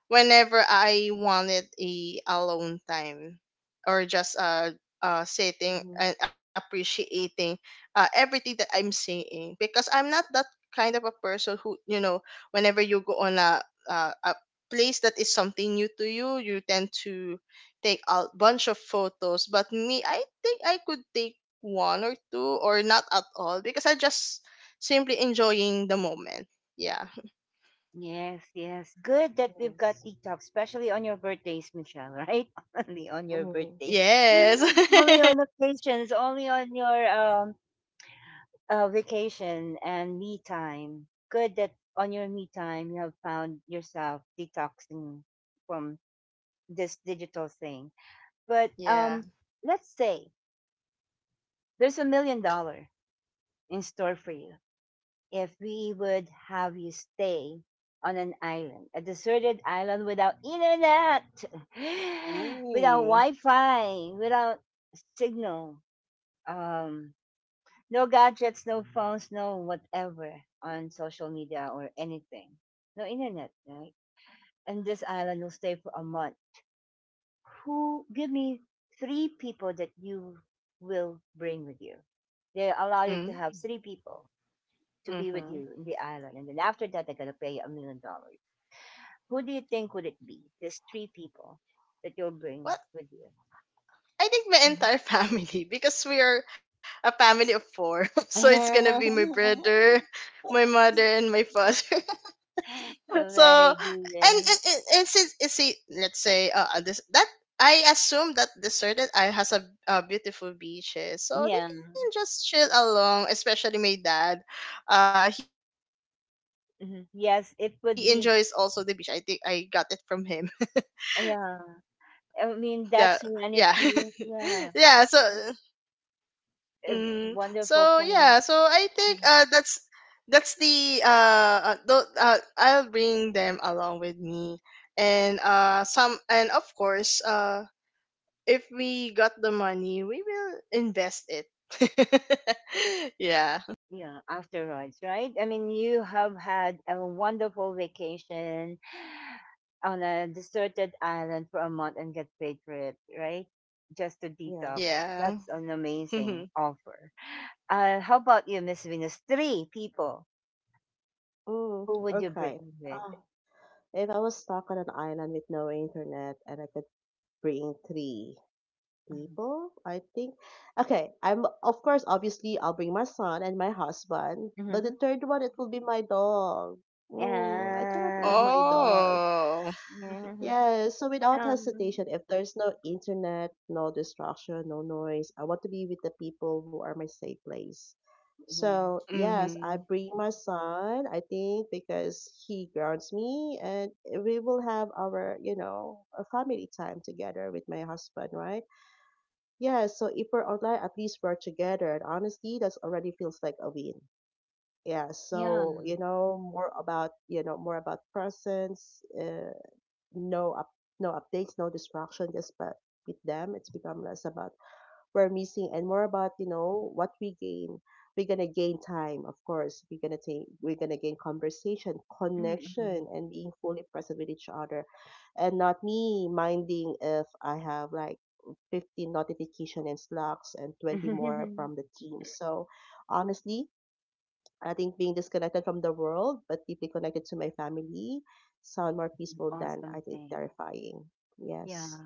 S2: whenever I wanted a alone time, or just sitting
S3: Mm-hmm.
S2: and appreciating everything that I'm seeing, because I'm not that kind of a person who, whenever you go on a place that is something new to you tend to take a bunch of photos. But me, I think I could take one or two or not at all, because I just simply enjoying the moment. Yeah.
S1: Yes, yes. Good that we've got
S3: Yes.
S1: detox, especially on your birthdays, Michelle, right? [LAUGHS] Only on your
S3: Mm,
S2: [LAUGHS]
S1: birthdays. [GASPS]
S2: Yes.
S1: [LAUGHS] Only on
S2: [LAUGHS]
S1: occasions, only on your vacation and me time. Good that on your me time you have found yourself detoxing from this digital thing. But
S2: Yeah.
S1: let's say there's a million dollar in store for you if we would have you stay on an island, a deserted island without internet, [GASPS] [SIGHS] without
S2: Ooh.
S1: Wi-Fi, without signal. Um, No gadgets, no phones, no whatever on social media or anything. No internet, right? And this island will stay for a month. Who give me three people that you will bring with you? They allow you to
S2: Mm,
S1: have three people to be with
S2: mhm.
S1: you in the island, and then after that they're gonna pay you a million dollars. Who do you think would it be? There's three people that you'll
S2: Well,
S1: bring with you.
S2: I think my entire [LAUGHS] family, because we are a family of four. [LAUGHS] So it's gonna be my
S1: [LAUGHS]
S2: brother, my mother, and my father. [LAUGHS] So
S1: Very
S2: and and,
S1: good.
S2: and, and since let's say, this that I assume that deserted, certain has a beautiful beaches, so they
S1: Yeah.
S2: can just chill along. Especially my dad, he enjoys also the beach. I think
S1: Hmm.
S2: I got
S1: Yes,
S2: it
S1: it
S2: from
S1: would
S2: him.
S1: be.
S2: [LAUGHS]
S1: Yeah,
S2: the Yeah,
S1: I mean that
S2: [LAUGHS] yeah.
S1: serenity.
S2: So
S1: Yeah, a
S2: So yeah, so
S1: wonderful
S2: I
S1: place.
S2: think that's
S1: Mhm.
S2: that's I'll bring them along with me, and of course, if we got the money, we will invest it. [LAUGHS] Yeah.
S1: Yeah, afterwards, right? I mean, you have had a wonderful vacation on a deserted island for a month and get paid for it, right? Just to
S3: yeah.
S1: detox.
S2: Yeah.
S1: That's an amazing
S2: [LAUGHS]
S1: offer. How about you, Miss Venus? Three people.
S3: Mm,
S1: Who would you
S3: okay.
S1: bring with?
S3: Ah, if I was stuck on an island with no internet and I could bring three people, I think. Okay, I'm of course, obviously, I'll bring my son and my husband, but
S1: Mm-hmm.
S3: the third one, it will be my dog. Mm, I cannot
S1: Yeah.
S3: leave my dog.
S2: Oh.
S1: Yeah.
S3: Yes, so without
S1: Um,
S3: hesitation, if there's no internet, no distraction, no noise, I want to be with the people who are my safe place.
S1: yeah.
S3: So, yes, I
S2: Mhm.
S3: bring my son, I think, because he grounds me, and we will have our, you know, a family time together with my husband, right? Yeah, so if we're online, at least we're together. And honestly, that's already feels like a win. Yeah,
S1: Yeah.
S3: so, you know, more about, you know, more about presence, no up no updates, no distraction just but with them. It's become less about we're missing and more about, you know, what we gain. We're gonna gain time, of course. We're gonna gain conversation,
S1: Mm.
S3: connection and being fully present with each other. And not me minding if I have like 15 notification and slacks and 20 more
S1: Hmm.
S3: from
S1: [LAUGHS]
S3: the team. So honestly, I think being disconnected from the world but deeply connected to my family sound more peaceful than
S1: Awesome
S3: I think
S1: thing.
S3: terrifying.
S1: Yeah.
S3: Yes,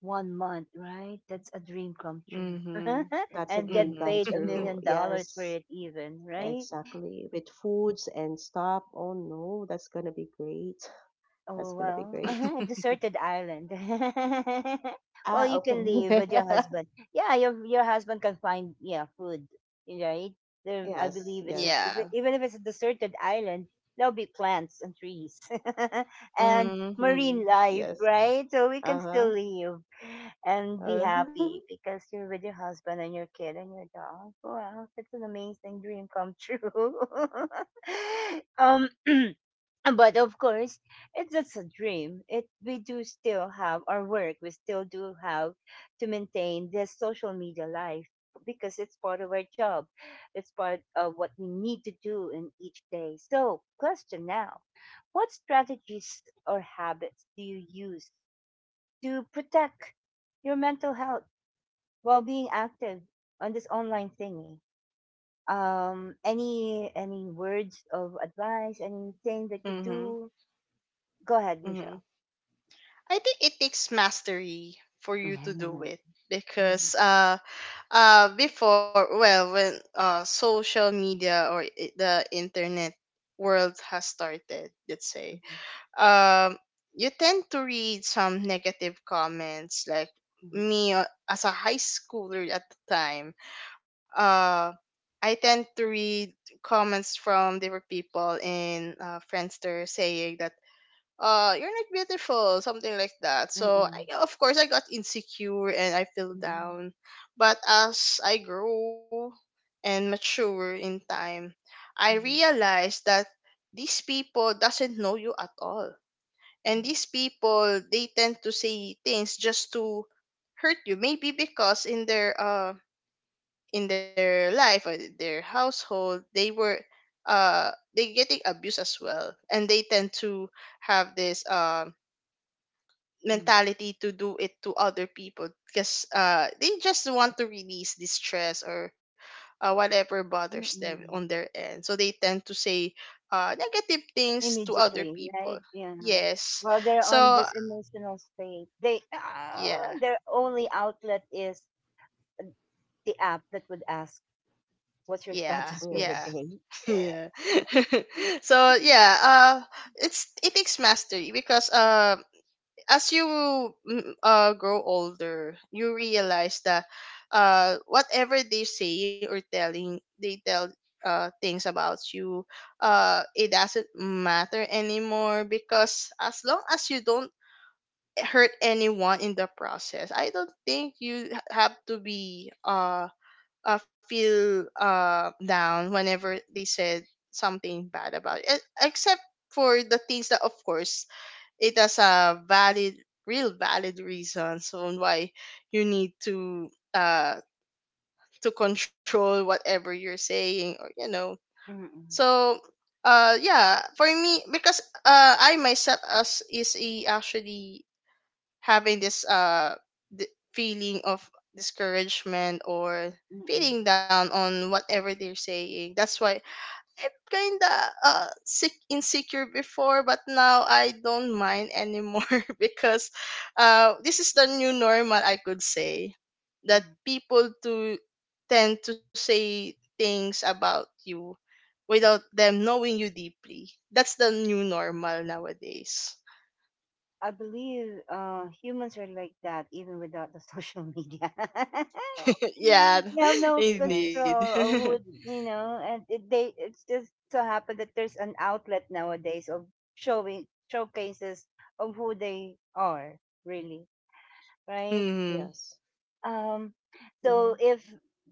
S1: 1 month, right? That's a dream come true.
S2: Mhm.
S1: [LAUGHS]
S3: that's a
S1: And get
S3: dream
S2: Mhm.
S3: come
S1: paid a
S2: [LAUGHS]
S3: true.
S1: million dollars for
S3: Yes,
S1: it even, right?
S3: exactly. With foods and stuff. Oh no, that's gonna be great. [LAUGHS] That's
S1: Oh
S3: gonna be
S1: well,
S3: great.
S1: uh-huh, a deserted island. [LAUGHS] Well,
S3: Ah,
S1: you
S3: okay.
S1: can leave with your
S3: [LAUGHS]
S1: husband. Yeah, your husband can find, yeah, food, right? There, I
S3: Yes,
S1: believe it's a,
S2: Yeah.
S3: yes,
S1: even if it's a deserted island, there'll be plants and trees [LAUGHS] and
S2: Mhm.
S1: marine
S3: yes,
S1: life,
S3: yes.
S1: right? So we can still
S3: Uh-huh.
S1: live and be
S3: Uh,
S1: happy because you're with your husband and your kid and your dog. Wow, it's an amazing dream come true. [LAUGHS] um. [CLEARS THROAT] But of course, it's just a dream. It We do still have our work. We still do have to maintain this social media life because it's part of our job. It's part of what we need to do in each day. So, question now: what strategies or habits do you use to protect your mental health while being active on this online thingy? Any words of advice? Anything that you
S2: Mhm.
S1: do? Go ahead, Michelle.
S2: Mhm. I think it takes mastery for you to
S1: Mhm,
S2: do
S1: mhm,
S2: it, because before, well, when social media or the internet world has started, let's say,
S1: mhm,
S2: um you tend to read some negative comments, like,
S1: mhm,
S2: me, as a high schooler at the time, uh I tend to read comments from different people in, Friendster, saying that you're not beautiful, something like that. So,
S1: mm,
S2: I, of course, I got insecure and I feel
S1: mhm,
S2: down. But as I grow and mature in time, I
S1: mhm,
S2: realized that these people doesn't know you at all, and these people, they tend to say things just to hurt you, maybe because in their life or their household they were, uh they getting abused as well, and they tend to have this
S1: mhm,
S2: mentality to do it to other people, because they just want to release the stress, or whatever bothers
S1: mhm,
S2: them on
S1: mhm.
S2: their end, so they tend to say negative things to other
S1: Immediately,
S2: people.
S1: right? Yeah.
S2: Yes.
S1: While they're on
S2: So,
S1: this emotional state, they ah,
S2: yeah,
S1: their only outlet is uh, the app that would ask, "What's your
S2: yeah,
S3: [LAUGHS]
S1: status for
S2: yeah.
S1: the
S3: yes,
S1: day?"
S2: [LAUGHS] Yeah. [LAUGHS] So, yeah,
S1: [LAUGHS]
S2: it takes mastery because as you grow older, you realize that whatever they say or telling, they tell, things about you, it doesn't matter anymore, because as long as you don't hurt anyone in the process, I don't think you have to be, feel, down whenever they said something bad about it, except for the things that, of course, it has a valid, real valid reasons on why you need to control whatever you're saying, or you know.
S1: Mm-mm,
S2: So, yeah, for me, because I myself as is a actually having this feeling of discouragement, or
S1: mm-mm,
S2: feeling down on whatever they're saying, that's why I'm kinda sick insecure before, but now I don't mind anymore. [LAUGHS] Because this is the new normal, I could say, that
S1: mm-mm.
S2: people to tend to say things about you without them knowing you deeply. That's the new normal nowadays.
S1: I believe humans are like that even without the social media. [LAUGHS]
S2: [LAUGHS] Yeah,
S1: You have
S2: [LAUGHS]
S1: no
S3: yes,
S2: indeed.
S1: control or who would, you know, and they, it's just so happened that there's an outlet nowadays of showing showcases of who they are really,
S2: [LAUGHS]
S1: right?
S2: Hmm.
S3: yes.
S1: Um,
S3: Mm-hmm.
S1: so if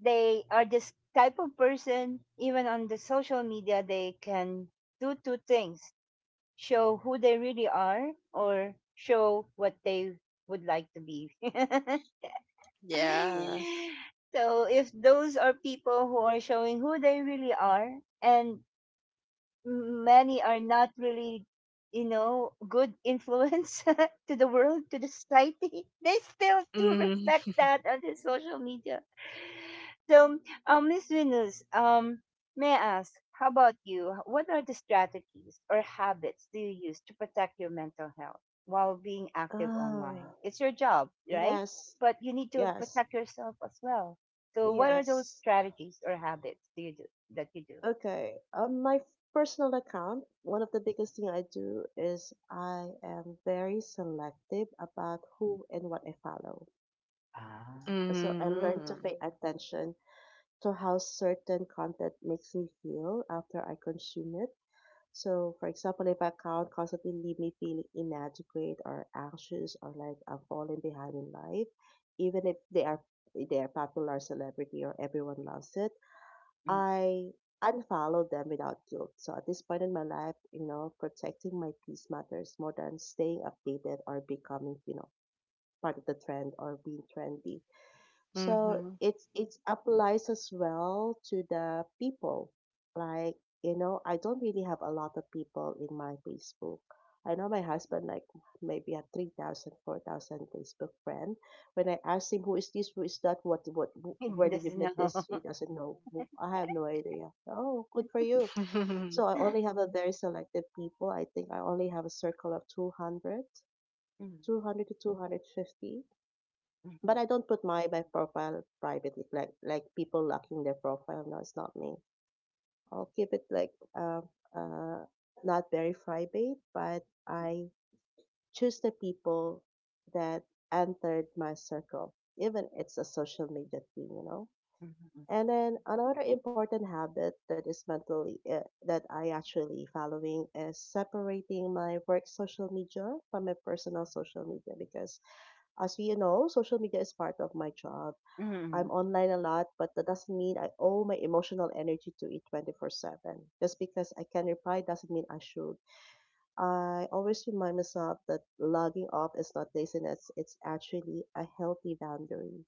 S1: they are this type of person, even on the social media, they can do two things: show who they really are or show what they would like to be. [LAUGHS]
S2: Yeah.
S3: Yes.
S1: So if those are people who are showing who they really are, and many are not really, you know, good influence [LAUGHS] to the world, to the society, [LAUGHS] they still do respect
S2: Hmm.
S1: that on the social media. So Miss Venus, may I ask, how about you? What are the strategies or habits do you use to protect your mental health while being active online?
S3: Ah,
S1: It's your job, right?
S3: yes,
S1: But you need to
S3: yes.
S1: protect yourself as well. So what are those
S3: Yes.
S1: strategies or habits do you do that you do?
S3: Okay. On my personal account, one of the biggest thing I do is I am very selective about who and what I follow.
S1: Ah.
S3: So I learn to
S2: Hmm.
S3: pay attention to how certain content makes me feel after I consume it. So, for example, if account constantly leave me feeling inadequate or anxious or like I'm falling behind in life, even if they are popular celebrity or everyone loves it, I unfollowed them without guilt. So at this point in my life, you know, protecting my peace matters more than staying updated or becoming, you know, part of the trend or being trendy. So
S2: Hmm.
S3: it's it applies as well to the people. Like, you know, I don't really have a lot of people in my Facebook. I know my husband like maybe a 3,000 4,000 Facebook friend. When I ask him who is this, who is that, what who-
S1: う
S3: where
S1: で
S3: did
S1: す
S3: you
S1: の。
S3: meet this? He doesn't know. Who- I have no idea. Oh, good for you. So
S2: [LAUGHS]
S1: う
S3: I
S1: ん。
S3: only have a very selective people. I think I only have a circle of 200 to 250
S1: うん
S3: but I don't put my profile privately, like people locking their profile. No, it's not me. I'll keep it like uh, not very private, but
S1: うん
S3: I choose the people that entered my circle, even it's a social media thing, you know.
S1: うんうんう
S3: And then another important habit that is mentally that I actually following is separating my work social media from my personal social media because as you know, social media is part of my job.
S1: ん
S3: I'm online a lot, but that doesn't mean I owe my emotional energy to it 24/7. Just because I can reply doesn't mean I should. I always remind myself that logging off is not laziness, it's actually a healthy boundary.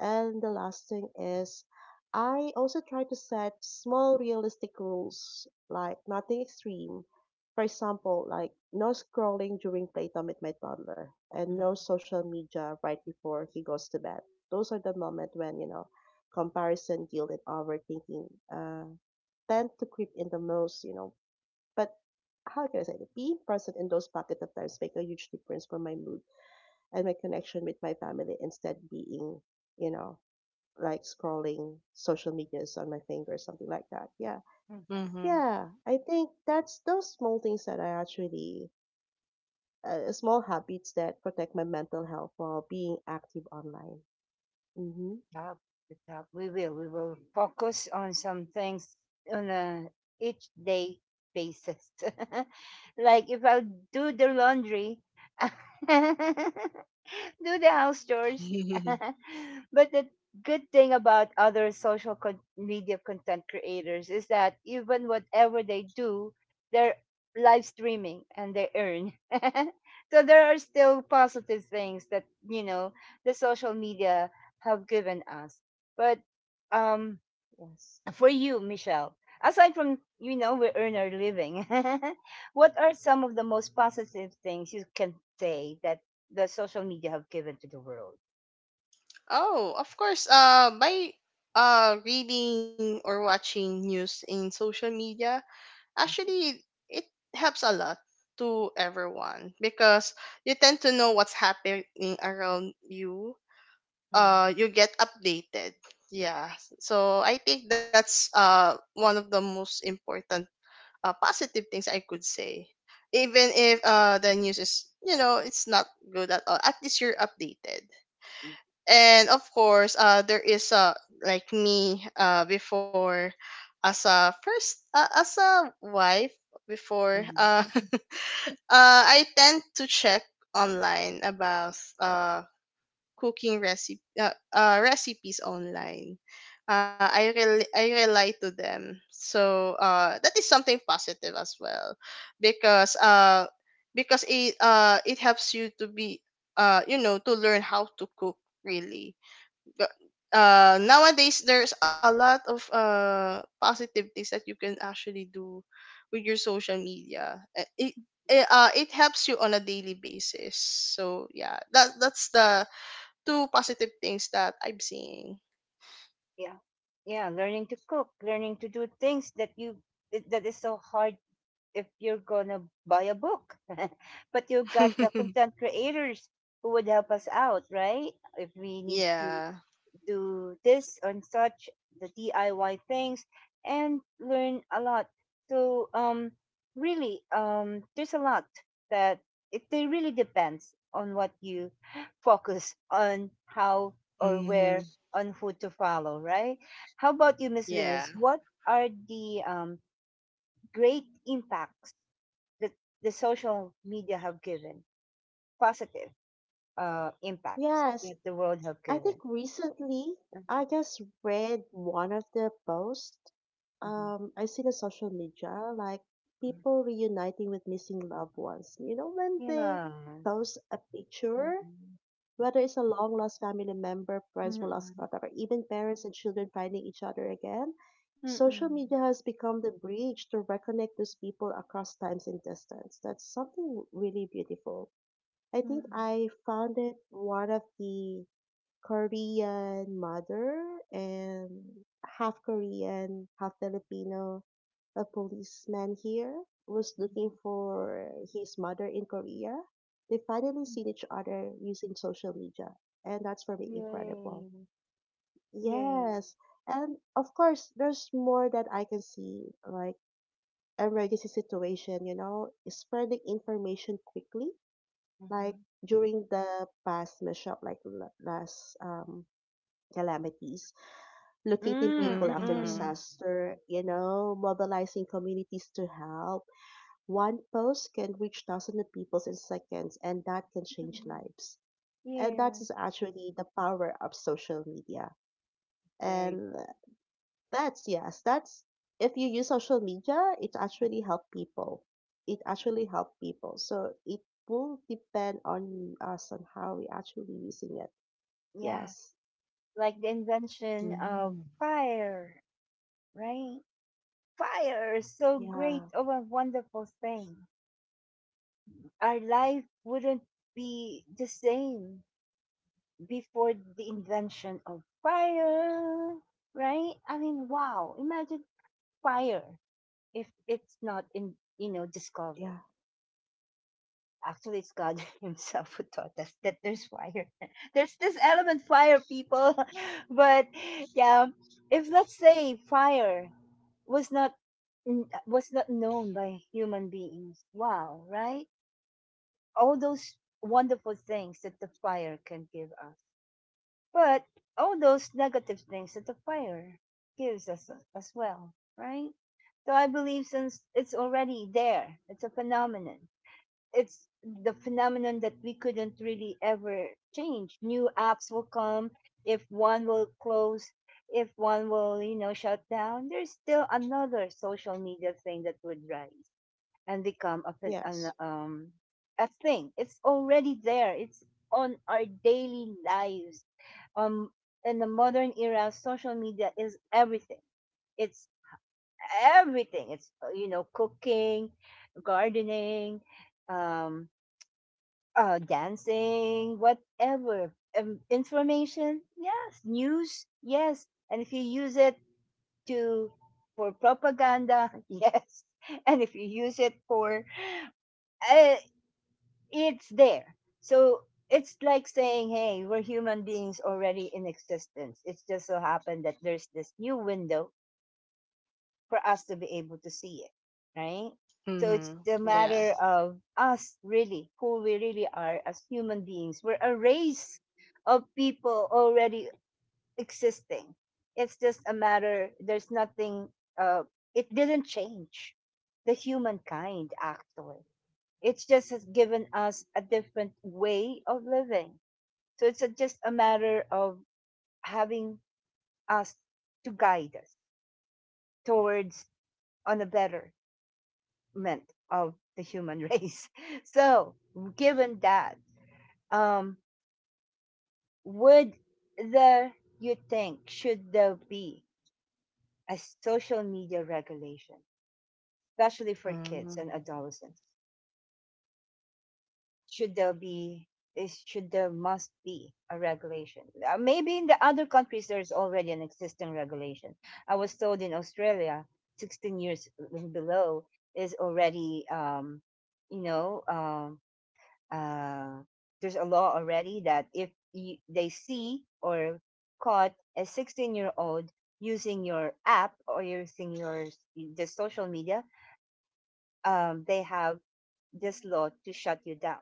S3: And the last thing is, I also try to set small realistic rules, like nothing extreme. For example, like no scrolling during playtime with my toddler
S1: う
S3: and
S1: ん
S3: no social media right before he goes to bed. Those are the moments when, you know, guilt, and overthinking tend to creep in the most, you know. But how can I say it? Being present in those pockets of times make a huge difference for my mood and my connection with my family instead being, you know, like scrolling social medias on my finger something like that. Yeah.
S1: うん
S2: Hmm.
S3: Yeah. I think that's those small things that I actually, small habits that protect my mental health while being active online. Mm-hmm.
S1: Top, the top. We will. We will focus on some things on a each day basis. [LAUGHS] Like if I do the laundry, [LAUGHS] do the house chores.
S2: [LAUGHS]
S1: [LAUGHS] But the good thing about other social media content creators is that even whatever they do, they're live streaming and they earn. [LAUGHS] So there are still positive things that, you know, the social media have given us. But um,
S3: Yes.
S1: for you, Michelle, aside from, you know, we earn our living, [LAUGHS] what are some of the most positive things you can say that the social media have given to the world?
S2: Oh, of course. By reading or watching news in social media, actually it helps a lot to everyone, because you tend to know what's happening around you.
S1: Mm,
S2: You get updated. Yeah. So I think that's one of the most important, positive things I could say. Even if the news is, it's not good at all, at least you're updated. And of course, there is, like me, before, as a first, as a wife before.
S1: mhm.
S2: [LAUGHS] I tend to check online about cooking recipes online. I rely to them, so that is something positive as well, because uh because it helps you to be, to learn how to cook really. Nowadays, there's a lot of, positive things that you can actually do with your social media. It helps you on a daily basis. So yeah, that's the two positive things that I'm seeing.
S1: Yeah, yeah, learning to cook, learning to do things that that is so hard if you're gonna buy a book, [LAUGHS] but you've got the
S2: [LAUGHS]
S1: content creators who would help us out, right, if we need to
S2: Yeah,
S1: do this and such, the DIY things, and learn a lot. So really, there's a lot that it really depends on what you [GASPS] focus on, how or where,
S2: mm-hmm.
S1: on who to follow, right? How about you, Miss
S2: Yeah,
S1: Venus? What are the great impacts that the social media have given? Positive impacts
S3: Yes.
S1: that the world have
S3: I think
S1: given.
S3: recently I just read one of the posts.
S1: Mhm,
S3: I seen a social media like
S1: mhm,
S3: people reuniting with missing loved ones. You know when they
S1: yes.
S3: post a picture.
S1: Mm.
S3: Whether it's a long lost family member, friends who lost
S1: Mm.
S3: contact, or even parents and children finding each other again, social
S1: Mm.
S3: media has become the bridge to reconnect those people across times and distance. That's something really beautiful. I think
S1: Mm.
S3: I found it one of the Korean mother and half Korean, half Filipino, a policeman here was
S1: Mhm.
S3: looking for his mother in Korea. They finally seen each other using social media, and that's for me
S1: Yay.
S3: incredible.
S1: Yay.
S3: Yes, and of course, there's more that I can see, like emergency situation, you know, spreading information quickly, like
S1: Mhm.
S3: during the past mishap, like last calamities locating
S1: Mm.
S3: people after
S2: mm-hmm.
S1: Mm.
S3: disaster, you know, mobilizing communities to help. One post can reach thousands of people in seconds, and that can change
S1: Mhm.
S3: lives. And that
S1: Yes.
S3: is actually the power of social media.
S1: Very
S3: And
S1: good.
S3: yes, if you use social media, it actually help people. It actually help people. So it will depend on us on how we actually using it.
S1: Yes.
S3: Yes.
S1: Like the invention
S2: Mm.
S1: of fire, right? Fire is so great
S3: Yeah.
S1: of a wonderful thing. Our life wouldn't be the same before the invention of fire, right? I mean, wow. Imagine fire if it's not, in you know, discovered.
S3: Yeah.
S1: Actually, it's God [LAUGHS] himself who taught us that there's fire. [LAUGHS] There's this element, fire, people. [LAUGHS] But yeah, if let's say fire was not n- was not known by human beings, wow, right? All those wonderful things that the fire can give us. But all those negative things that the fire gives us, as well, right? So I believe since it's already there, it's a phenomenon. It's the phenomenon that we couldn't really ever change. New apps will come. If one will close, if one will, you know, shut down, there's still another social media thing that would rise and become
S3: Yes.
S1: a thing. It's already there. It's on our daily lives. Um, in the modern era, social media is everything. It's everything. It's, you know, cooking, gardening, um, dancing, whatever. Information, yes. News, yes. And if you use it to for propaganda, [LAUGHS] yes. And if you use it for uh. it's there. So it's like saying, hey, we're human beings already in existence. It's just so happened that there's this new window for us to be able to see it, right? So it's
S2: Mm-hmm.
S1: the
S2: Yeah,
S1: matter
S3: Yes.
S1: of us, really, who we really are as human beings. We're a race of people already existing. It's just a matter, there's nothing, uh, it didn't change the humankind. Actually, it's just has given us a different way of living. So it's a, just a matter of having us to guide us towards on a betterment of the human race. [LAUGHS] So, given that, um, would there you think, should there be a social media regulation, especially for kids and
S2: mm-hmm.
S1: adolescents? Should there be, is should there must be a regulation? Maybe in the other countries there's already an existing regulation. I was told in Australia 16 years [LAUGHS] and below is already, you know um uh uh there's a law already that if you, they see or caught a 16-year-old using your app or using your the social media, they have this law to shut you down.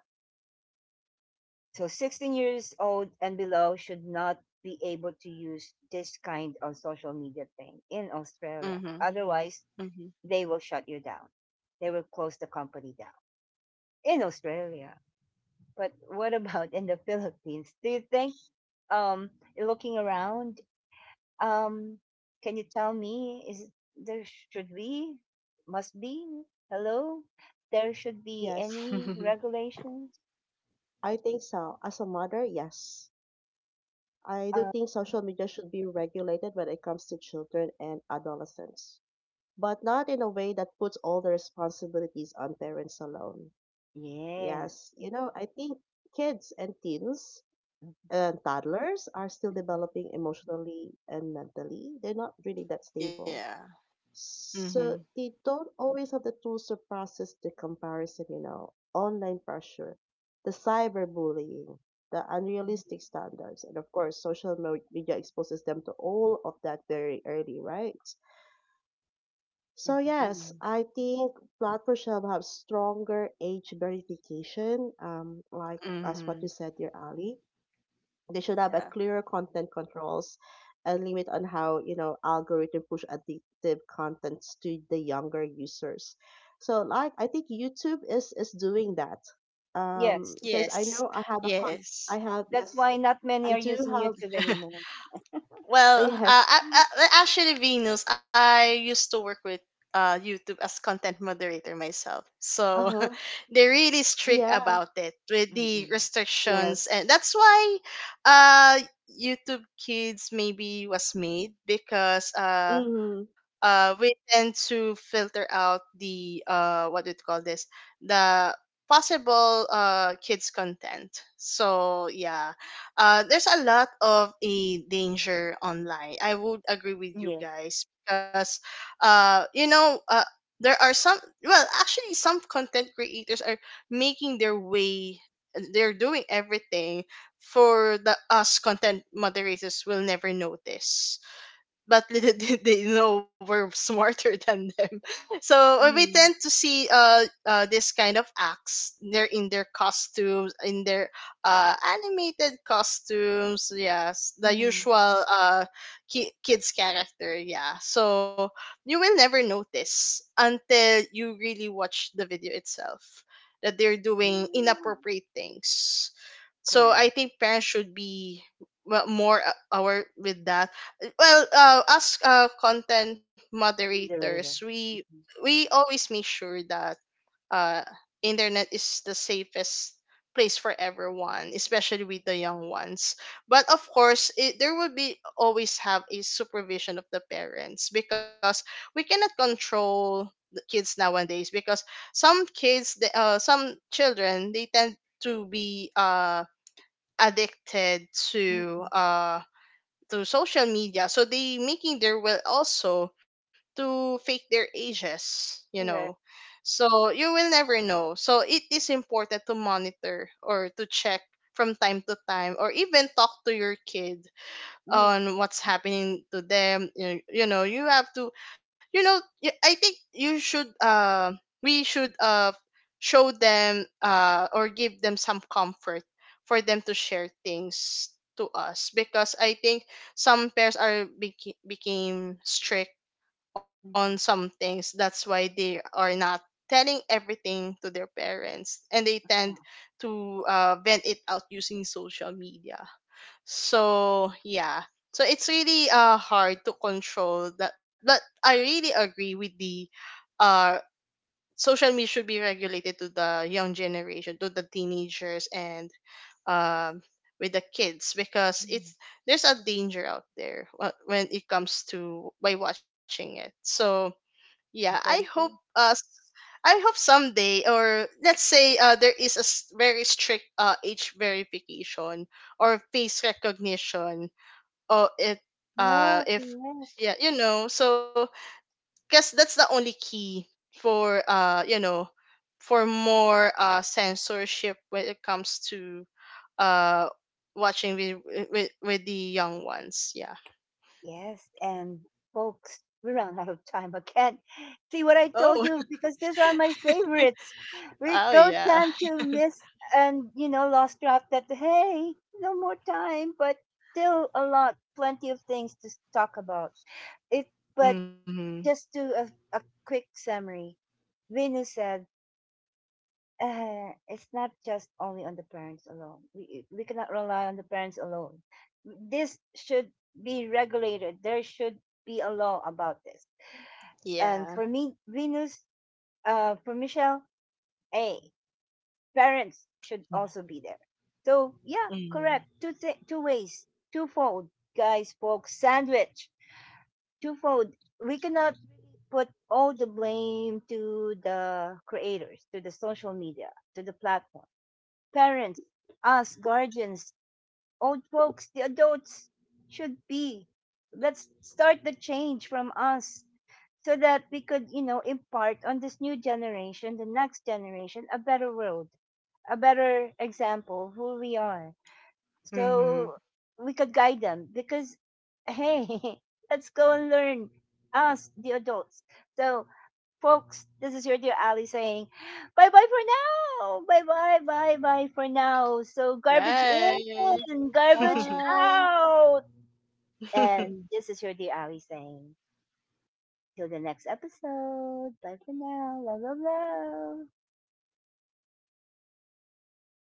S1: So 16 years old and below should not be able to use this kind of social media thing in Australia.
S2: Mm-hmm.
S1: Otherwise, they will shut you down. They will close the company down in Australia. But what [LAUGHS] about in the Philippines? Do you think, um looking around, um can you tell me, is there should be, must be, hello, there should be
S3: Yes.
S1: any
S2: Mm-hmm.
S1: regulations?
S3: I think so. As a mother, yes. I do
S1: Uh,
S3: think social media should be regulated when it comes to children and adolescents, but not in a way that puts all the responsibilities on parents alone.
S1: yes.
S3: Yes, you know, I think kids and teens
S1: Mhm,
S3: and toddlers are still
S1: mhm,
S3: developing emotionally and mentally. They're not really that
S2: [LAUGHS] Yeah,
S3: stable.
S2: mm-hmm.
S3: So they don't always have the tools to process the comparison, you know, online pressure, the cyberbullying, the unrealistic standards, and of course, social mo- media exposes them to all of that very early, right? So
S1: mhm, mhm,
S3: yes,
S1: mhm.
S3: I think platforms should have stronger age verification, like as what
S2: Mm-hmm.
S3: you said, dear Ali, they should have a
S2: Yeah,
S3: clearer content controls and limit on how you know algorithm push addictive contents to the younger users. So like I think YouTube is doing that,
S1: Yes.
S3: because I
S2: yes,
S3: know I have a con I
S2: yes.
S3: have
S1: That's
S3: yes
S1: why not many
S3: I
S1: are
S3: do
S1: using
S3: have
S1: YouTube
S2: [LAUGHS]
S1: anymore.
S2: Well,
S3: yes
S2: actually, Venus, I used to work with, YouTube as content moderator myself. So
S3: uh-huh
S2: [LAUGHS] they're really strict
S3: yeah
S2: about it with the
S1: Mm-mm.
S2: restrictions. And
S3: yes
S2: that's why, uh, YouTube Kids maybe was made, because
S3: mm-hmm
S2: we tend to filter out the, what do you call this, the possible, kids content. So yeah, there's a lot of a danger online. I would agree with you
S1: Yes.
S2: guys, because uh, you know uh, there are some, well actually, some content creators are making their way, they're doing everything, for the us content moderators will never notice, but little [LAUGHS] did they know we're smarter than them. [LAUGHS] So we tend
S1: Mm.
S2: to see, this kind of acts. They're in their costumes, in their animated costumes. Yes, the
S1: Mm.
S2: usual, kids character. Yeah. So you will never notice until you really watch the video itself, that they're doing
S1: Mm.
S2: inappropriate things. So I
S1: Correct.
S2: think parents should be, well, more, aware with that. Well, as, content moderators,
S1: Moderator.
S2: we
S1: Mhm.
S2: we always make sure that uh internet is the safest place for everyone, especially with the young ones. But of course, there will be always have a supervision of the parents, because we cannot control the kids nowadays, because some kids, some children, they tend to be addicted to
S1: Mm.
S2: uh to social media, so they making their will also to fake their ages, you know.
S1: Correct.
S2: So you will never know. So it is important to monitor or to check from time to time, or even talk to your kid on
S1: Yes.
S2: what's happening to them. You have to, I think you should, we should, show them, or give them some comfort for them to share things to us, because I think some pairs are, became strict on
S1: Mm-hmm.
S2: some things, that's why they are not telling everything to their parents, and they
S1: Yeah.
S2: tend to, vent it out using social media. So yeah. So it's really hard to control that, but I really agree with the, uh social media should be regulated to the young generation, to the teenagers, and um with the kids, because it's
S1: Mm.
S2: there's a danger out there, when it comes to by watching it. So yeah, I
S1: Very
S2: hope,
S1: good.
S2: uh s- I hope someday, or let's say, there is a very strict, age verification or face recognition. Oh it
S1: Yeah,
S2: if
S1: correct.
S2: Yeah, you know. So, guess that's the only key for, for more, censorship when it comes to, uh watching with, with the young ones. Yeah.
S1: Yes, and folks, we ran out of time. I can't see what I told
S2: Oh. [LAUGHS]
S1: you because these are my favorites. We
S2: Oh
S1: go
S2: yeah.
S1: down to miss and, you know, lost track that hey, no more time, but still a lot, plenty of things to talk about. It, but
S2: Mm-hmm.
S1: Just to a quick summary, Venus said, it's not just only on the parents alone. We cannot rely on the parents alone. This should be regulated. There should be a law about this. And
S2: Yeah.
S1: for me, Venus, for Michelle, a parents should also be there. So yeah,
S2: Hmm.
S1: correct. Two ways, twofold, guys, folks, sandwich, twofold. We cannot put all the blame to the creators, to the social media, to the platform. Parents, us guardians, old folks, the adults should be. Let's start the change from us so that we could, you know, impart on this new generation, the next generation, a better world, a better example of who we are.
S2: Hmm.
S1: So we could guide them because, hey, [LAUGHS] let's go and learn us, the adults. So folks, this is your dear Ali saying bye bye for now. Bye bye, bye bye for now. So, garbage
S2: Bye.
S1: in, garbage
S3: bye.
S1: out.
S2: [LAUGHS]
S1: And this is your dear Ali saying till the next episode. Bye for now. Love, love, love.